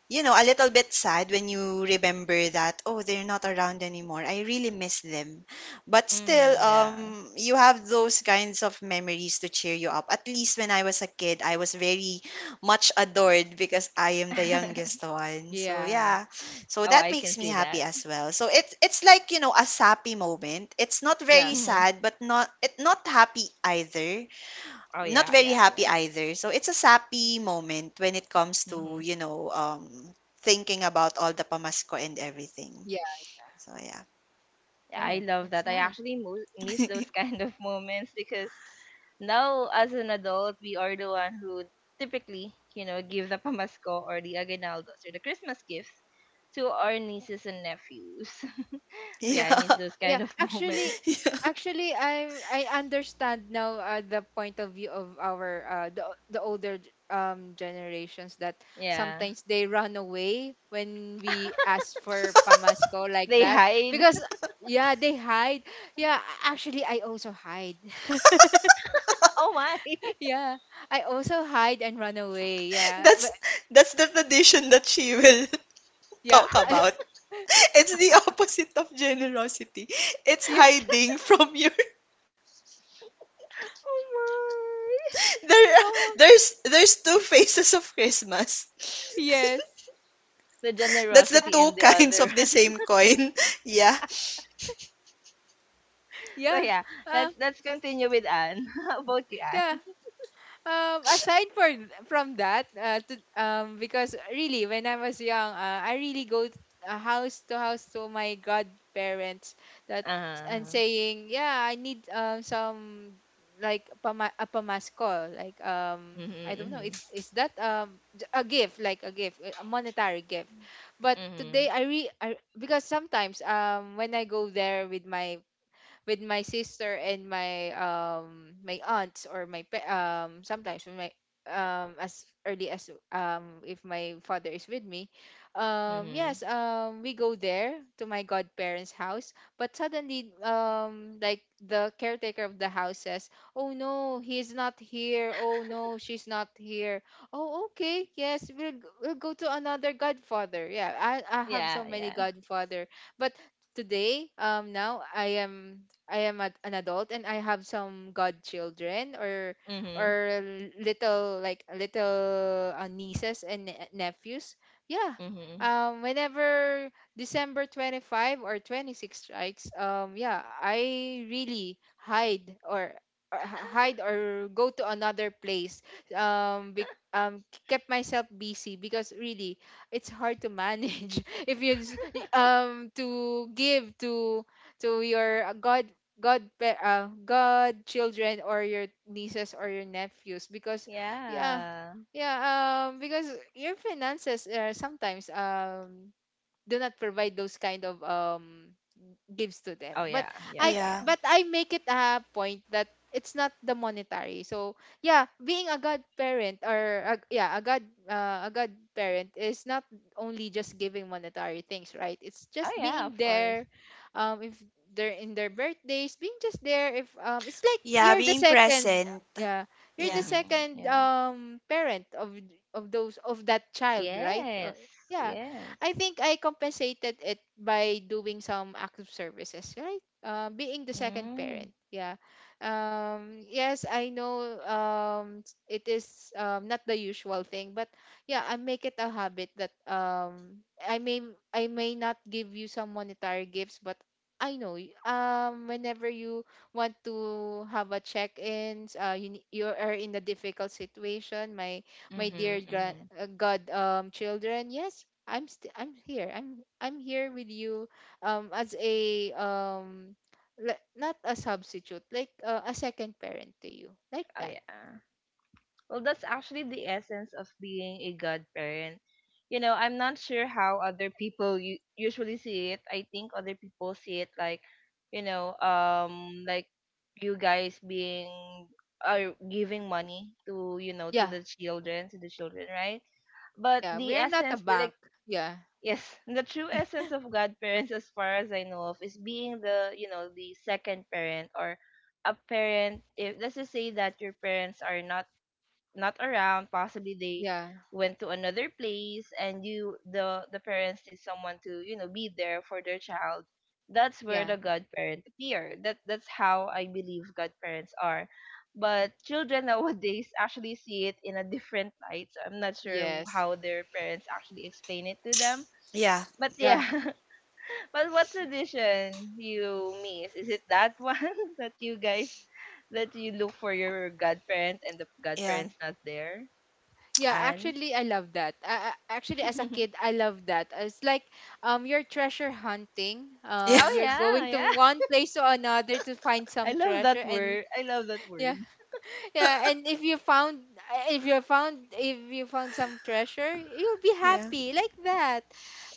you know, a little bit sad when you remember that, oh, they're not around anymore. I really miss them. But still,
Mhm. Yeah.
um, you have those kinds of memories to cheer you up. At least when I was a kid, I was very much adored, because I am the youngest
(laughs)
one. So
Yeah,
yeah. So
Oh,
that
I can
makes me
see
happy
that.
as well. So it's it's like, you know, a sappy moment. It's not
yeah,
very
Mm-hmm.
sad, but not it not happy either
Oh
not
yeah,
very
yeah,
happy
yeah.
either. So it's a sappy moment when it comes to,
Hmm.
you know, um, thinking about all the pamasko and everything.
yeah,
So yeah.
Yeah, I
yeah.
love
That's
that. I
nice.
actually mo- miss those (laughs)
(laughs)
kind of moments because now as an adult, we are the one who typically, you know, give the pamasko or the aguinaldos or the Christmas gifts to our nieces and nephews. (laughs) So
Yeah.
yeah, I miss those
yeah
kind of
actually
moments.
(laughs) Yeah. (laughs)
Actually, i i understand now uh, the point of view of our uh, the, the older g- um generations that
Yeah.
sometimes they run away when we
(laughs)
ask for pamasco like
They
that
hide.
because
(laughs)
yeah they hide. Yeah, a- actually I also hide.
Oh my.
(laughs)
(laughs)
Yeah, I also hide and run away, yeah, but
That's that's the tradition that she will (laughs)
yeah.
talk about.
(laughs)
(laughs) It's the opposite of generosity. It's
Yeah,
hiding from your, (laughs)
Oh my.
there
come on.
there's there's two faces of Christmas.
Yes.
The
(laughs) That's the
generosity
(laughs)
two
and the
kinds
other.
of
(laughs)
the same coin. (laughs) Yeah.
So
Yeah.
yeah,
Uh,
let's let's continue with Anne. (laughs) How about you,
yeah,
Anne?
um aside for from that, uh, to, um because really when I was young, uh, I really go t- uh, house to house to my godparents that and saying yeah I need um some like pama- a pamasko, like,
Uh,
um I don't know,
mm-hmm.
it's, is that um j- a gift, like a gift, uh, a monetary gift. But today
Mhm,
i re I, because sometimes um when I go there with my with my sister and my um my aunts or my pa- um sometimes with my, um as early as, um if my father is with me, um
mhm.
yes, um we go there to my godparents house. But suddenly, um like the caretaker of the house says, "Oh no, he's not here. Oh no, she's not here." Oh okay, yes, we'll, g- we'll go to another godfather. Yeah, I, I have
Yeah,
so many
yeah.
godfather. But today, um now I am. I am a, an adult and I have some godchildren or
Mhm,
or little, like little, uh, nieces and ne- nephews. Yeah.
mhm.
Um, whenever December twenty-fifth or twenty-sixth strikes, um, yeah, I really hide, or or h- hide or go to another place. Um, be, um, kept myself busy because really it's hard to manage (laughs) if you s- y- um to give to to your uh, god god pa- uh, god children or your nieces or your nephews because yeah,
Yeah.
yeah, um because your finances, uh, sometimes, um do not provide those kind of um gives to them.
Oh
But
yeah, yeah,
i
yeah.
Yeah.
but I make it a point that it's not the monetary. So yeah, being a godparent or a, yeah, a god, uh, a godparent is not only just giving monetary things, right? It's
Oh
just
yeah,
being
of course.
there, um if they're in their birthdays, being just there, if um it's like
Yeah,
you're the
being
second,
present.
yeah, you're the
Yeah.
Mhm.
second
Yeah.
um parent of of those of that child, right? Uh,
Yes.
yeah,
Yes.
I think I compensated it by doing some active services, right? Uh, being the second
Mm.
parent, yeah. Um, yes, I know, um, s- it is, um, not the usual thing, but yeah, I make it a habit that, um, I may. I may not give you some monetary gifts, but I know, y- um, whenever you want to have a check-ins, uh, you ne- you are in a difficult situation, My my dear
Mhm,
grand,
mhm.
uh, god um children, yes, I'm st- I'm here. I'm I'm here with you um as a, um le- not a substitute, like, uh, a second parent to you. Like
Oh
that.
yeah. Well, that's actually the essence of being a godparent. You know, I'm not sure how other people u- usually see it. I think other people see it like, you know, um, like you guys being are giving money to you know to
Yeah.
the children to the children, right? But
Yeah,
the
we're not a
essence, the- like
bank. Yeah.
yes, (laughs) the true essence of godparents, as far as I know of, is being the you know the second parent or a parent. If let's just say that your parents are not not around, possibly they
Yeah.
went to another place and you the the parents need someone to you know be there for their child. That's where
Yeah.
the godparent appear, that that's how I believe godparents are. But children (laughs) nowadays actually see it in a different light, so I'm not sure
Yes.
how their parents actually explain it to them,
Yeah.
but
Yeah.
yeah. (laughs) But what tradition you miss, is it that one (laughs) that you guys that you look for your godparent and the
Yeah. (laughs)
godparent's not there?
Yeah,
Anne.
actually I love that. I, I, actually, as a kid
(laughs)
I love that. It's like, um you're treasure hunting.
Yeah.
Um,
Oh
you're
yeah,
going
yeah.
to one place to another to find
(laughs) I
some
love
treasure
that
and
word. I love that word.
yeah.
(laughs)
Yeah, and if you found, eh, if you found if you found some treasure, you'll be
Yeah.
happy like that.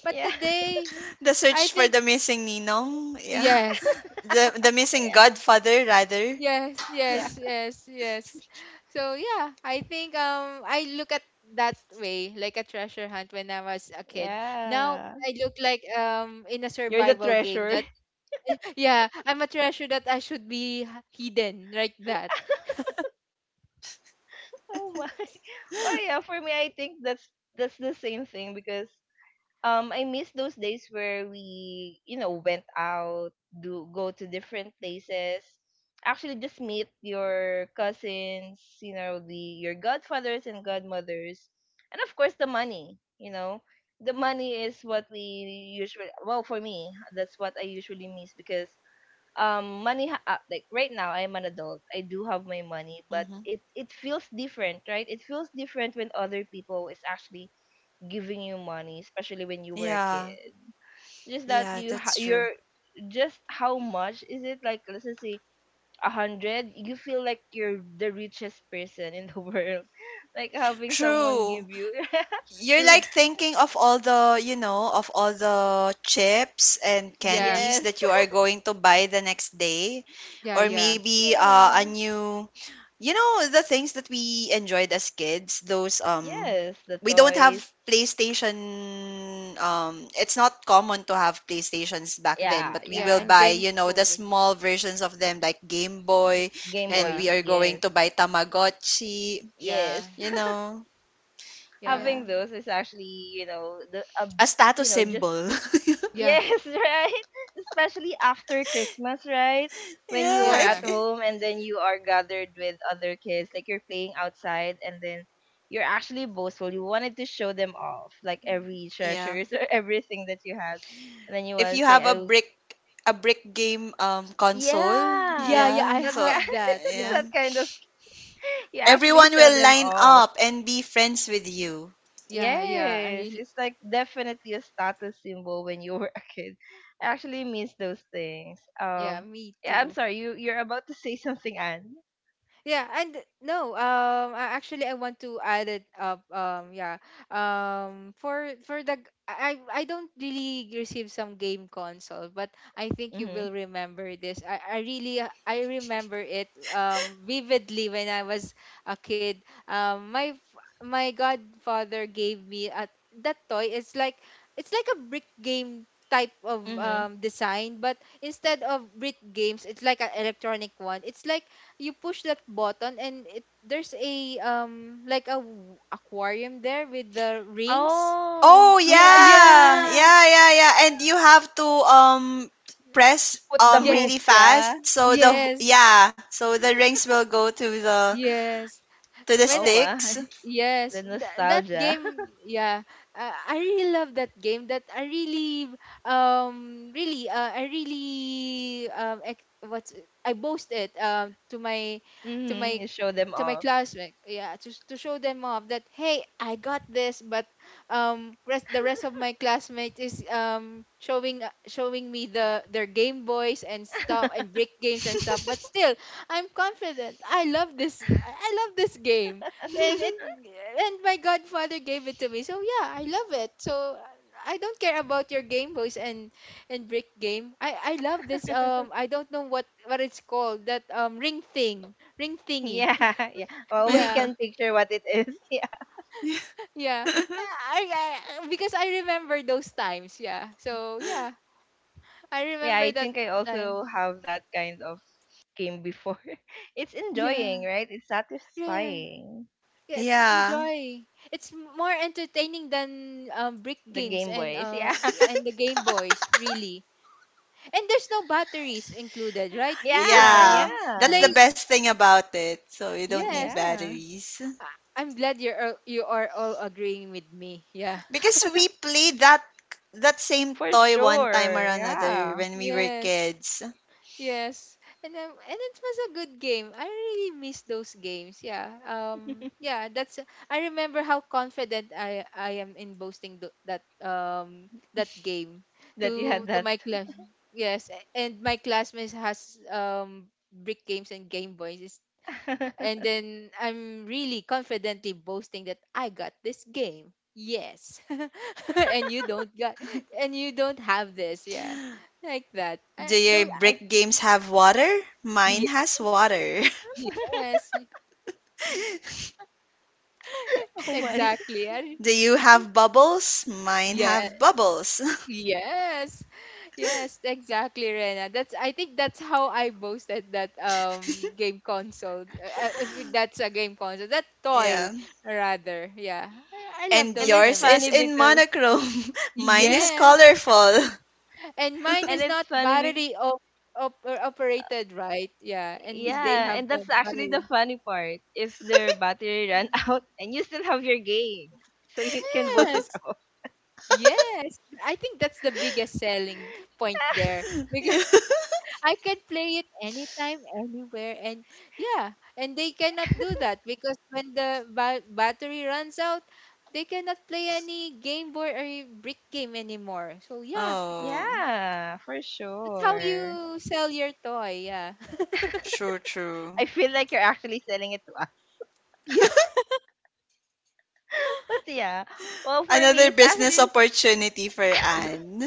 But
Yeah,
today,
The
I
search for
think,
the missing Ninong. Yeah.
yes.
(laughs) The the
(laughs)
missing
yeah,
godfather, rather.
Yes,
yeah,
yes, yes, yes. So yeah, I think um I look at that way like a treasure hunt when I was a kid. Now
yeah.
I look like um in a
You're the
survival game
treasure. (laughs)
that (laughs) yeah, I'm a treasure that I should be h- hidden like that.
Oh my. (laughs) Well,
(gasps)
yeah. For me, I think that's that's the same thing because um I miss those days where we you know went out do go to different places, actually just meet your cousins, you know, the your godfathers and godmothers, and of course the money you know the money is what we usually, well for me that's what I usually miss because um money ha- uh, like right now I'm an adult, I do have my money,
(laughs)
but
Hmm.
it it feels different, right? It feels different when other people is actually giving you money, especially when you were a
Yeah.
kid. It's just that
Yeah,
you ha-
that's true.
you're, just how much is it, like let's just say a hundred, you feel like you're the richest person in the (laughs) world, like having someone
True.
give you
You're like
True.
thinking of all the, you know, of all the chips and
(laughs)
Yeah.
candies
yes.
that you are
(laughs)
going to buy the next day,
Yeah,
or
yeah.
maybe, uh, a
Yeah,
new. You know, the things that we enjoyed as kids, those, um
yes, the
we don't have
toys,
PlayStation. Um it's not common to have PlayStations back then,
yeah,
but we
Yeah,
will
yeah,
and
buy,
games
you know, the
folder.
small versions of them, like Game Boy,
game
and we
Yeah.
boys,
are going
yes,
to buy Tamagotchi,
yes.
Yeah,
you
(laughs)
know.
yeah,
Having
Yeah.
those is actually, you know, the a,
A
you
status
know, just
symbol. (laughs)
yeah,
Yes, (laughs) right? Especially after Christmas, right? When you are
Yeah, if
at
yeah,
if-
home and then you are gathered with other kids, like you're playing outside and then you're actually boastful. You wanted to show them off, like every
yeah,
treasures (laughs) or everything that you have. And then you
if
want to
you
say,
have
I,
a
w-
brick a brick game um console,
yeah,
yeah,
yeah. I
yeah.
that
So
kind,
have that.
(laughs)
yeah.
Yeah,
that kind of, you actually
Everyone
show
will
them
line
off.
up and be friends with you.
yeah, yeah. I
Yes,
really,
it's like definitely a status symbol when you (laughs) were a kid. I actually miss those things.
yeah,
Um,
me
yeah, I'm
too.
sorry. You you're about to say something, Anne.
Yeah, and no, um, I, actually, I want to add it up. Um, yeah, um, for for the g- I I I don't really receive some game console, but I think you
Mhm.
will remember this. I I really uh, I remember it um vividly when I was a kid. Um, my f- my godfather gave me a that toy. It's like it's like a brick game type of
Mhm.
um design, but instead of brick games, it's like an electronic one. It's like you push that button and it there's a um like a w- aquarium there with the rings.
Oh,
Oh
oh
Yeah,
yeah.
yeah,
yeah.
Yeah, yeah, yeah. And you have to, um press,
Put the
um
yes,
really
hoops,
fast
yeah.
so the
yes,
yeah, so the rings will go to the,
yes,
to the
when.
Oh my,
sticks.
(laughs)
Yes,
the
tha- that
nostalgia. (laughs)
game, yeah, uh, I really love that game. That I really, um, really, uh, I really, um, ex- what's it- I boast it, um, to my, to
Mhm.
my,
You show them
to my
off.
classmate, yeah, to to show them off that hey, I got this, but um, rest the rest of my classmates is um showing uh, showing me the their Game Boys and stuff and
(laughs)
brick games and stuff, but
(laughs)
still, I'm confident. I love this. I I love this game and it and my godfather gave it to me, so yeah, I love it. So I don't care about your Game Boys and and brick game. I I love this. Um, I don't know what what it's called, that um ring thing, ring thingy.
Yeah, yeah.
(laughs)
Well, we
Yeah,
can picture what it is. (laughs) Yeah.
yeah, I, I, because I remember those times, yeah, so yeah, I
Yeah, I
remember that
think I
time.
also have that kind of game before. (laughs) It's
Yeah,
enjoying, right? It's
yeah,
satisfying.
yeah, it's
Yeah.
enjoy. It's more entertaining than, um, brick
The
games
Game
and,
Boys.
uh,
Yeah. (laughs)
and the Game Boys, really. And there's no batteries included, right? You just
Yeah,
Yeah.
um
That's the
play.
yeah.
best thing about it. So you don't need
Yes.
Yeah.
batteries.
I, I'm glad you're all, you are all agreeing with me. Yeah.
Because we played that, that same
For
toy one time or
sure.
another
Yeah.
when we were
Yes.
kids.
Yes. And um, and it was a good game. I really miss those games. Yeah. Um
(laughs)
yeah, that's I remember how confident I I am in boasting tho- that um that game
That you had
to to
that.
my class. Yes, a- and my classmates has um brick games and Game Boys. And
(laughs)
then I'm really confidently boasting that I got this game. Yes. (laughs) and you don't got and you don't have this, yeah. Like that.
Do
And
your
those
I
brick
(laughs)
games have water? Mine
Yes,
has water.
yes, y-
Oh my.
exactly. And
(laughs) Do you have bubbles? Mine
yeah,
have bubbles.
yes. Yes, exactly, Rena. That's I think that's how I boasted that um
(laughs)
game console. Uh, if that's a game console, that toy
Yeah.
rather. Yeah. I, I love
And
And
those
it's
yours
memories.
is
funny
in
because
monochrome. (laughs)
(laughs)
Mine
yeah,
is
Yes.
colorful.
And mine
and
(laughs)
is
it's
not
funny because
battery op- op- or operated, right? Yeah, and they
yeah,
have
and
a
that's actually the
battery.
funny part. If their battery ran (laughs) out and you still have your game, so you can boost it
Yes.
up.
Yes. I think that's the biggest selling point there
(laughs)
because
Yeah.
(laughs) I can play it anytime, anywhere. And yeah, and they cannot do that because when the ba- battery runs out, they cannot play any game board or brick game anymore. So yeah,
Oh,
Yeah, for
that's how
sure.
you sell your toy. Yeah.
true, true.
I feel like you're actually selling it to us.
(laughs)
(laughs) But yeah, well for me
Another
it's
business
actually
opportunity for
Y-
Anne.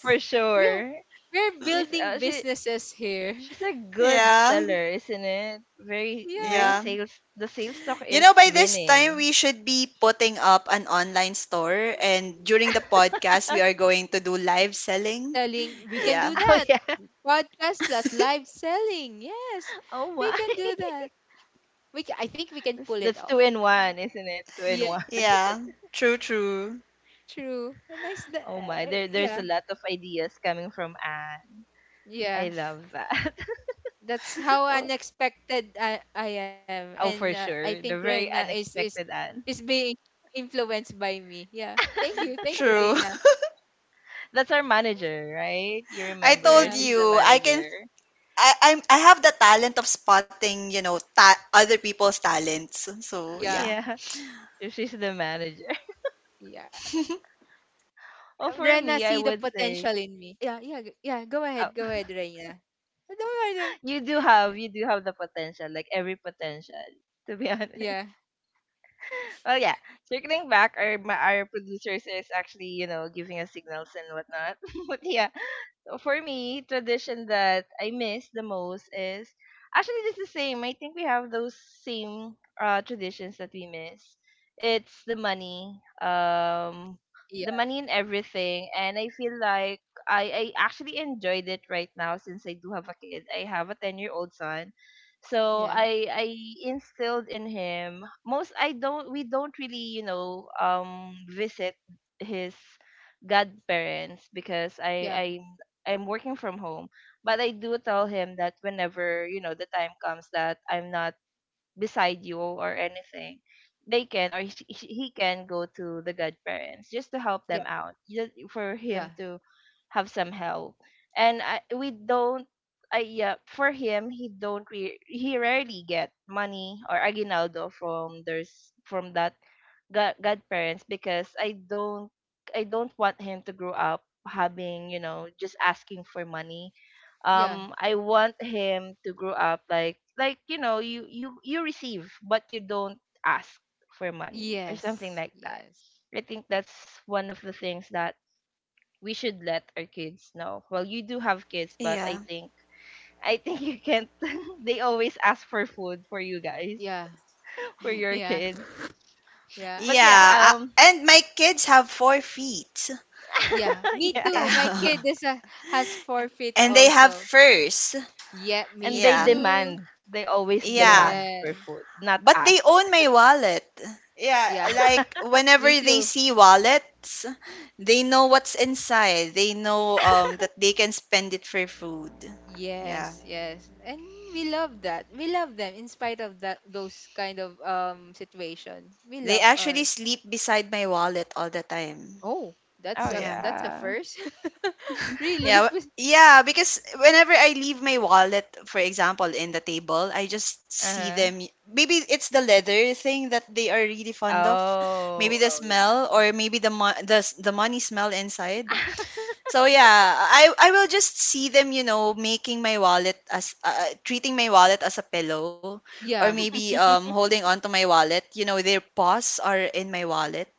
for
We are,
sure.
we're
She's
building
uh, she
businesses here.
she's a
(laughs)
(laughs)
good
Yeah,
seller, isn't it? Very very
Yeah.
yeah.
sales. The sales talk
You
is
know, by this time,
winning.
we should be putting up an online store, and during the podcast, we are going to do live selling.
Selling, we can
Yeah.
do
(laughs) Oh
that.
yeah.
Podcast plus live selling. Yes.
Oh
We
my.
can do that. We ca- I think we
(laughs)
can
That's,
pull it
that's two
off.
in
Yeah.
one, isn't it? Two in one.
Yes.
Yeah. True, true.
True. A nice da-
(laughs) Oh my.
uh,
There there's
yeah.
a lot of ideas coming from Anne.
Yeah.
I love that.
That's how
(laughs) Oh,
unexpected I, I am and
oh
uh,
for
I think
sure. The
Rena
very
is is
unexpected
is
Anne.
being influenced by me. Yeah. Thank you.
(laughs)
Thank you,
True. (laughs)
Rena.
That's our manager, right? You
I
remember,
told
Yeah.
she's the
you, I can
manager.
I I'm I have the talent of spotting, you know, ta- other people's talents. So,
(laughs)
Yeah.
yeah.
Yeah, she's the manager.
Yeah.
(laughs) Well, for
Rena
me,
see
I
the
would
potential
say,
in me. Yeah, yeah, g- yeah. Go ahead,
oh.
go ahead,
(laughs)
Rena. Don't matter.
You do have, you do have the potential, like every potential, to be (laughs) honest.
Yeah,
Well, yeah, circling back, our, my, our producers is actually, you know, giving us signals and whatnot. (laughs) But yeah, for me, tradition that I miss the most is actually just the same. I think we have those same uh traditions that we miss. It's the money, um, the
yeah,
money and everything, and I feel like I I actually enjoyed it right now since I do have a kid. I have a ten year old son. So
yeah,
I I instilled in him most, I don't we don't really you know um visit his godparents because I
yeah,
I I'm working from home, but I do tell him that whenever you know the time comes that I'm not beside you or anything, they can, or sh- sh- he can go to the godparents just to help
yeah,
them out, just for him
yeah,
to have some help. And I, we don't I, yeah, for him he don't re- he rarely get money or aguinaldo from there's from that god godparents because I don't, I don't want him to grow up having, you know, just asking for money.
yeah.
um I want him to grow up, like like you know, you you you receive but you don't ask for money or something
Yes,
like that.
yes,
I think that's one of the things that we should let our kids know. Well, you do have kids, but i
Yeah.
think i think you can't. (laughs) They always ask for food for you guys.
yeah,
(laughs) For
(laughs)
your
yeah,
kids.
yeah,
But
I,
Yeah,
yeah,
yeah,
uh,
um
and my kids have four feet.
yeah. Me
(laughs) yeah,
too. My kid
Yeah. (laughs)
is a, has forfeit
And they have
also.
furs.
Yeah, me
and they
Yeah.
too.
demand they always
Yeah.
demand for
Yes,
food, not
But they
ask.
own my wallet. Yeah,
yeah,
(laughs)
like whenever
me
they
too.
see wallets, they know what's inside. They know, um that they can spend it for food. Yeah.
Yes, yes, and we love that. We love them in spite of that those kind of um situation. We
They
love
actually
our.
sleep beside my wallet all the time.
Oh, that's
Oh
a
Yeah.
that's a
yeah.
first. (laughs)
(laughs)
Really?
Yeah, w-
Spe-
yeah, because whenever I leave my wallet, for example, in the table, I just see
Uh-huh.
them. y- Maybe it's the leather thing that they are really fond of. Maybe
Oh,
the
oh yeah.
smell, or maybe the mo the s- the money smell inside. So yeah, I I will just see them, you know, making my wallet as, uh, uh, treating my wallet as a pillow, or
Yeah,
maybe, um
(laughs) (laughs)
holding on to my wallet, you know, their paws are in my wallet.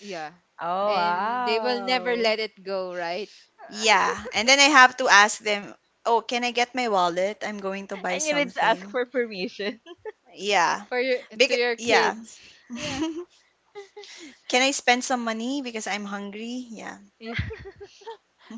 yeah.
Oh
Um,
And they will never
wow.
let it go, right?
yeah, and
(laughs)
then I have to ask them, "Oh, can I get my wallet? I'm going to buy
And you need to ask
something."
for permission.
Yeah.
(laughs) For your
Big
To your
yeah.
kids. Yeah.
(laughs) Can I spend some money because I'm hungry? Yeah.
Yeah.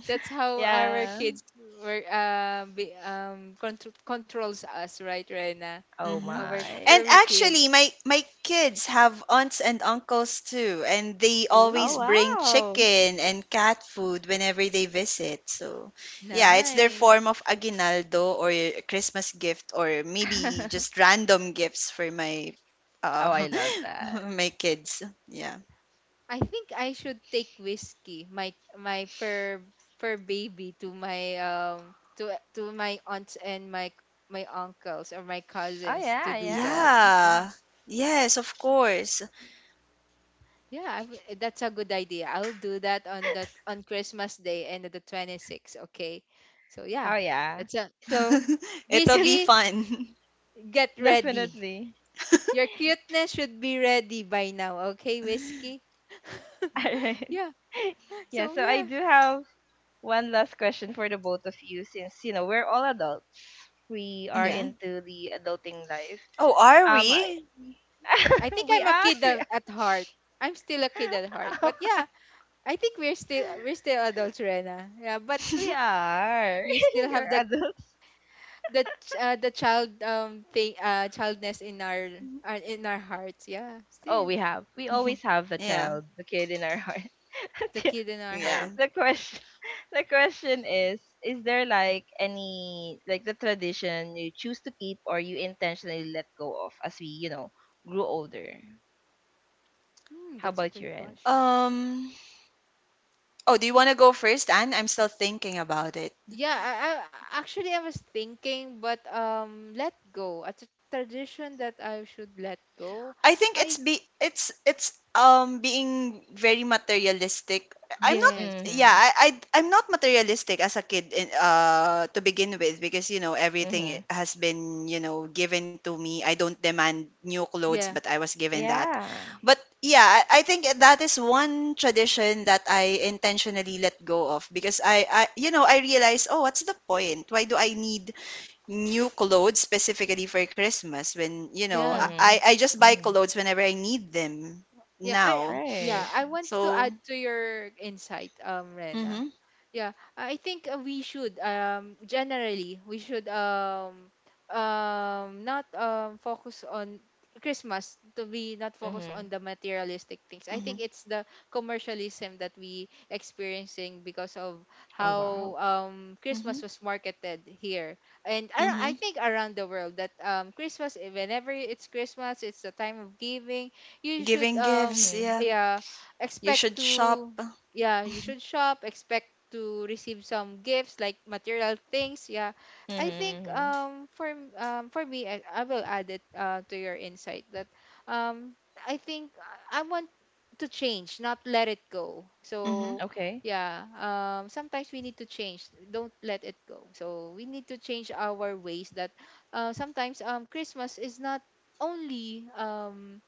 That's
(laughs)
how our
Yeah.
kids were um be, um contr controls us, right, Rena?
Oh
Mm-hmm.
Our
my.
And
furry kids.
actually, my my kids have aunts and uncles too, and they always
Oh
Ooh,
bring
wow.
chicken and cat food whenever they visit. So yeah, it's their
nice.
form of aguinaldo, or a Christmas gift, or maybe just
(laughs)
random gifts for my uh
Oh, I love that.
(laughs) my kids. Yeah.
I think I should take Whiskey, my my fur fur baby, to my um to to my aunts and my my uncles or my
Oh
cousins to
yeah,
do
yeah.
that. Yeah,
Yeah. Yes, of course.
yeah, I w- that's a good idea. I'll do that on the on Christmas Day and the twenty-sixth, okay? So yeah,
Oh yeah.
that's a.
So
(laughs)
(laughs)
It'll be
yes,
Whiskey,
fun. (laughs)
get ready.
definitely.
Your cuteness should be ready by now, okay, Whiskey? (laughs)
(laughs) All right.
Yeah.
(laughs) Yeah,
So
so I
yeah.
do have one last question for the both of you since you know we're all adults. We are
Yeah.
Mm-hmm.
into the adulting life.
Oh, are
Um
we?
I think
(laughs) we
I'm a
are.
kid
We
at, at heart. I'm still a kid at heart.
are.
But yeah, I think we're still we're
(laughs)
still adults, Rena. Yeah, but
we are.
we
(laughs)
still
You're
have the
adults.
the ch- uh, the child um thing uh childness in our, our in our hearts. Yeah,
Oh,
still
we have. We
(laughs)
always have the
Yeah.
child, the kid in our heart.
the
(laughs) Yeah.
kid in our
Yeah.
heart.
the question. (laughs) The question is: Is there like any like the tradition you choose to keep or you intentionally let go of as we you know grew older?
Hmm,
How
that's a
about
great
your
question.
ends?
Um, oh, do you want to go first, Anne? I'm still thinking about it.
Yeah, I, I actually I was thinking, but um, let go. A t- tradition that I should let go.
I think it's,
I
be it's it's um being very materialistic. I'm not
Yes,
Yeah,
Mhm.
I, I I'm not materialistic as a kid, in, uh to begin with, because you know everything i-
Mhm.
has been, you know, given to me. I don't demand new clothes,
yeah,
but I was given that.
Yeah.
But yeah, I, I think that is one tradition that I intentionally let go of, because I I you know, I realize, oh, what's the point? Why do I need new clothes specifically for Christmas, when, you know, I,
yeah.
I
Mhm.
I just buy
Mhm.
clothes whenever I need them
Yeah, I
now.
yeah,
Right.
I want to
So,
add to your insight, um, Rena.
mm-hmm,
Yeah, I think uh, we should um generally we should um um not um focus on Christmas, to be not focus
Mhm.
on the materialistic things. I
mm-hmm,
think it's the commercialism that we experiencing because of
Oh wow.
how um Christmas
mm-hmm,
was marketed here and ar- I
mm-hmm.
think around the world, that um Christmas, eh, whenever it's Christmas it's the time of giving. You should
Giving
um
gifts,
Mhm.
yeah.
Yeah,
You
expect
should
to.
shop.
Yeah, you should shop, expect to receive some gifts like material things. Yeah, I think
Mm-hmm, mm-hmm.
um for m- um for me, i, I will add it, uh, to your insight that um I think I I want to change, not let it go.
Mm-hmm,
So
Okay.
yeah, um sometimes we need to change, don't let it go, so we need to change our ways that uh, sometimes um Christmas is not only um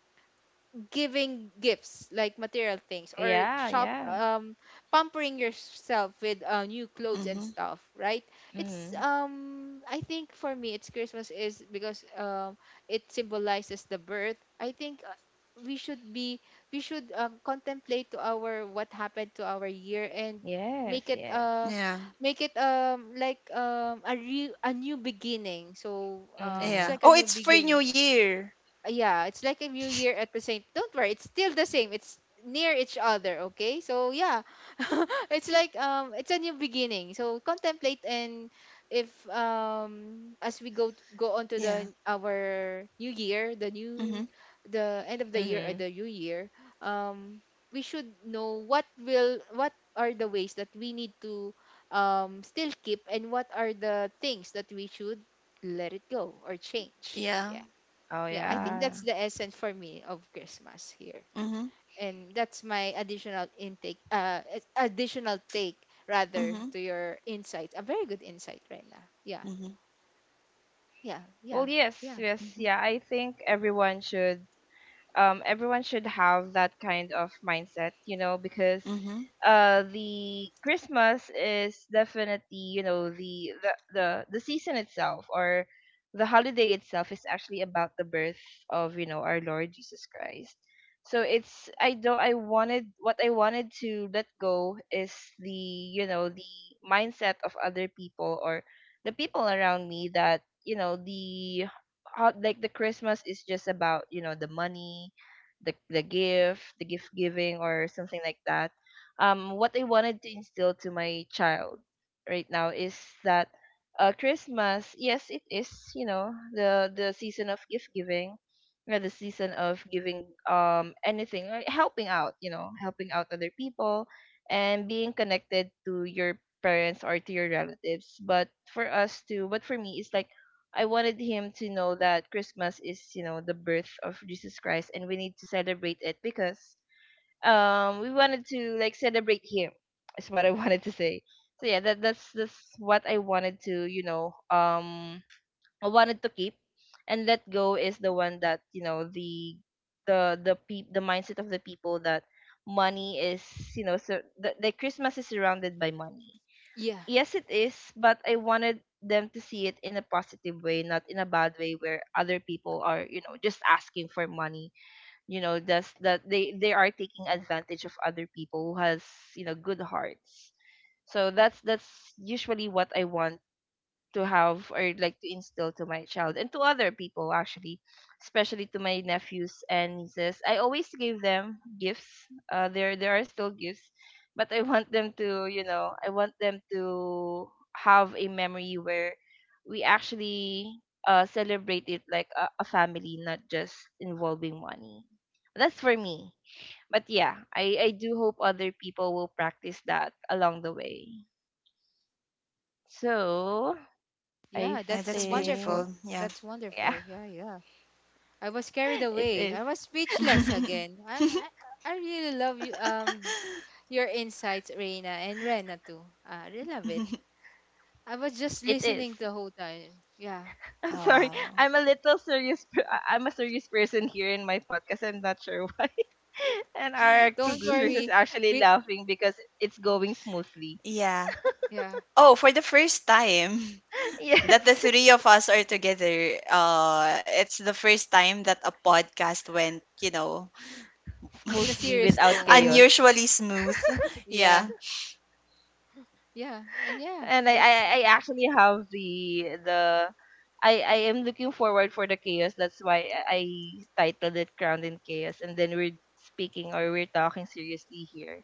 giving gifts like material things or
Yeah,
shop,
yeah.
um pampering yourself with uh, new clothes and
mm-hmm.
stuff, right? it's
Mm-hmm.
um I think for me it's Christmas is because um it symbolizes the birth. I think, uh, we should be, we should um, contemplate to our, what happened to our year, and make
Yes,
it,
yes.
uh
Yeah,
make it um like um a re- a new beginning. So um it's
yeah.
Mm-hmm.
like a
Oh,
new
it's for
beginning.
New Year.
Uh, yeah, it's like a new year at the same. Don't worry, it's still the same. It's near each other, okay? So yeah, (laughs) it's like, um, it's a new beginning. So contemplate, and if, um, as we go t- go on to
Yeah.
the our new year, the
Mm-hmm.
new, the end of
Mm-hmm.
the year or the new year, um, we should know what will what are the ways that we need to um still keep, and what are the things that we should let it go or change.
Yeah.
Yeah,
Oh
yeah, I
Mm-hmm.
think
yeah.
that's the essence for me of Christmas here,
Mm-hmm.
and that's my additional intake, uh it's additional take rather,
Mm-hmm.
to your insight, a very good insight right now. Yeah,
Mm-hmm.
yeah, yeah,
Well, yes,
yeah,
yes,
Mm-hmm.
yeah. I think everyone should um, everyone should have that kind of mindset, you know, because
Mm-hmm.
uh, the Christmas is definitely, you know, the, the the the season itself or the holiday itself is actually about the birth of, you know, our Lord Jesus Christ. So it's I don't I wanted what I wanted to let go is the you know the mindset of other people or the people around me that you know the how like the Christmas is just about you know the money, the the gift, the gift giving or something like that. Um, what I wanted to instill to my child right now is that uh, Christmas, yes, it is you know the the season of gift giving, you know, the season of giving um anything, uh, helping out, you know, helping out other people, and being connected to your parents or to your relatives. But for us to, but for me, it's like I wanted him to know that Christmas is, you know, the birth of Jesus Christ and we need to celebrate it because um we wanted to like celebrate him. Is what I (laughs) wanted to say. So yeah, that that's that's what I wanted to, you know, um I wanted to keep and let go is the one that, you know, the the the pe- the mindset of the people that money is, you know, so the, the Christmas is surrounded by money,
yeah,
yes it is, but I wanted them to see it in a positive way, not in a bad way where other people are, you know, just asking for money. You know that's that they they are taking advantage of other people who has, you know, good hearts. So that's that's usually what I want to have or like to instill to my child and to other people, actually especially to my nephews and nieces. I always give them gifts. uh there there are still gifts, but I (laughs) want them to, you know, I want them to have a memory where we actually uh celebrate it like a, a family, not just involving money. That's for me, but yeah, i i do hope other people will practice that along the way, so I
yeah,
Yeah,
that's
that's
think
wonderful.
beautiful. Yeah.
That's
yeah,
wonderful. Yeah, yeah, I was carried
(laughs) it
away,
is.
I was speechless again.
(laughs)
i i, I really love you, um your insights, Reina, and Rena too. Uh, I really love it. I was just
It is.
listening the whole time. Yeah.
(laughs)
Oh,
I'm sorry.
wow.
I'm a little serious. per- I- I'm a serious person here in my podcast. I'm not sure (laughs) why. And our
(laughs) Don't
producers is
worry,
(laughs)
actually
we.
laughing because it's going smoothly.
Yeah.
Yeah,
Oh, for the first time
(laughs)
(laughs) that the
Yes,
three of us are together, uh, it's the first time that a podcast went, you know,
(laughs)
in a
smoothly
serious
(laughs)
without
tone.
chaos.
unusually smooth.
Yeah,
Yeah.
yeah, and yeah,
And I, I,
that's
I actually have the the. I, I am looking forward for the chaos. That's why I titled it "Crowned in Chaos." And then we're speaking or we're talking seriously here.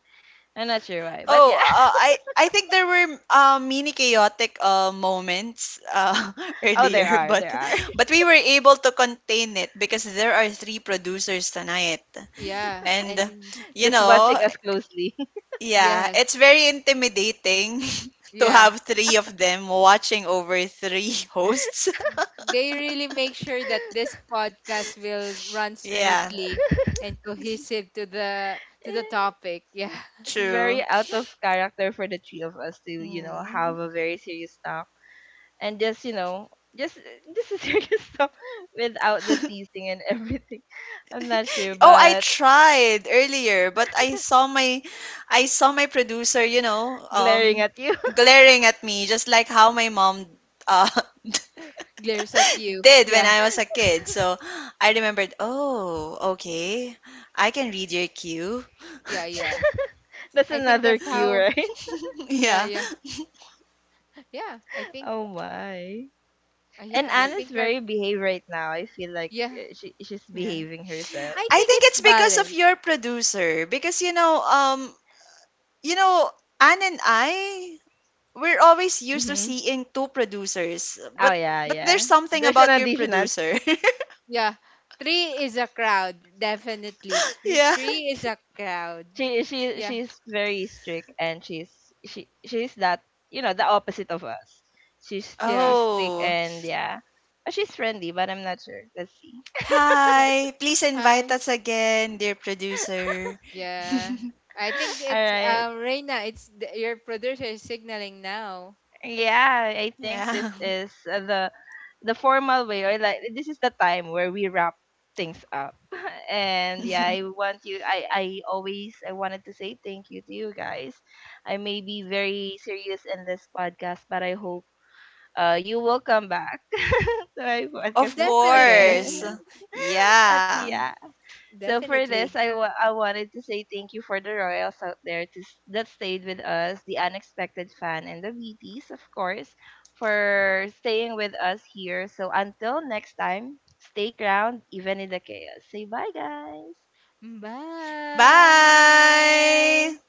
I'm not sure why, but
Oh,
yeah.
uh,
(laughs)
I I think there were, uh, mini chaotic, uh, moments, uh, (laughs)
Oh, there
earlier,
are,
but
there are.
but we were able to contain it because there are three producers tonight,
yeah,
and
and
you
Just
know,
watching us closely. (laughs)
Yeah,
yes,
it's very intimidating (laughs) to
yeah.
have three of them watching over three (laughs) hosts.
They really make sure that this podcast will run
Yeah,
smoothly and cohesive to the to the
Eh,
topic. Yeah,
it's
(laughs)
very
true.
out of character for the three of us to, you know, have
Mm.
a very serious talk and just, you know, just just a (laughs) serious talk without the
(laughs)
teasing and everything. (laughs) I'm not sure,
Oh, I
but
tried earlier, but I saw my, I saw my producer, you know,
glaring
um
at you,
glaring at me, just like how my mom, uh
glares at you.
(laughs) did when
Yeah,
I was a kid. So I remembered, oh, okay. I can read your cue.
yeah, yeah.
(laughs)
(laughs) that's
I think
another
that's
cue, (laughs)
how.
right?
(laughs)
Yeah,
Yeah.
yeah, yeah. I think.
Oh my.
Uh,
And
yeah, I
Anna's
think our.
very behave right now. I feel like
Yeah,
uh, she she's
Yeah.
behaving herself.
I
I
think
think
it's
it's because of
balanced.
your producer, because you know um you know Anne and I, we're always used to
Mm-hmm.
seeing two producers,
Oh
but
yeah,
but there's
yeah.
something
There's an
about your
additional.
producer.
Yeah, three is a crowd, definitely. Three,
(laughs) Yeah.
three is
(laughs)
a crowd.
she she
Yeah.
she's very strict and she's she she's that, you know, the opposite of us. she's
Yeah.
she's strict,
Oh.
and yeah, Uh, she's friendly, but I'm not sure, let's see.
Yeah.
Hi. Please invite
Hi.
us again, dear producer.
Yeah. I think
All
it's
right.
uh Reina, it's the, your producer is signaling now.
Yeah, I
(laughs)
think this
Yeah.
is uh, the the formal way, or like this is the time where we wrap things up. (laughs) And yeah, i
(laughs)
want you i I always I wanted to say thank you to you guys. I may be very serious in this podcast, but I hope uh, you will come back (laughs) to my podcast
Of
as- again.
course.
Definitely.
(laughs) At
Yeah.
yeah. So for this,
Definitely.
I wa- I wanted to say thank you for the royals out there to s- that stayed with us, the unexpected fan, and the B T S, of course, for staying with us here. So until next time, stay ground even in the chaos. Say bye, guys.
Bye.
Bye.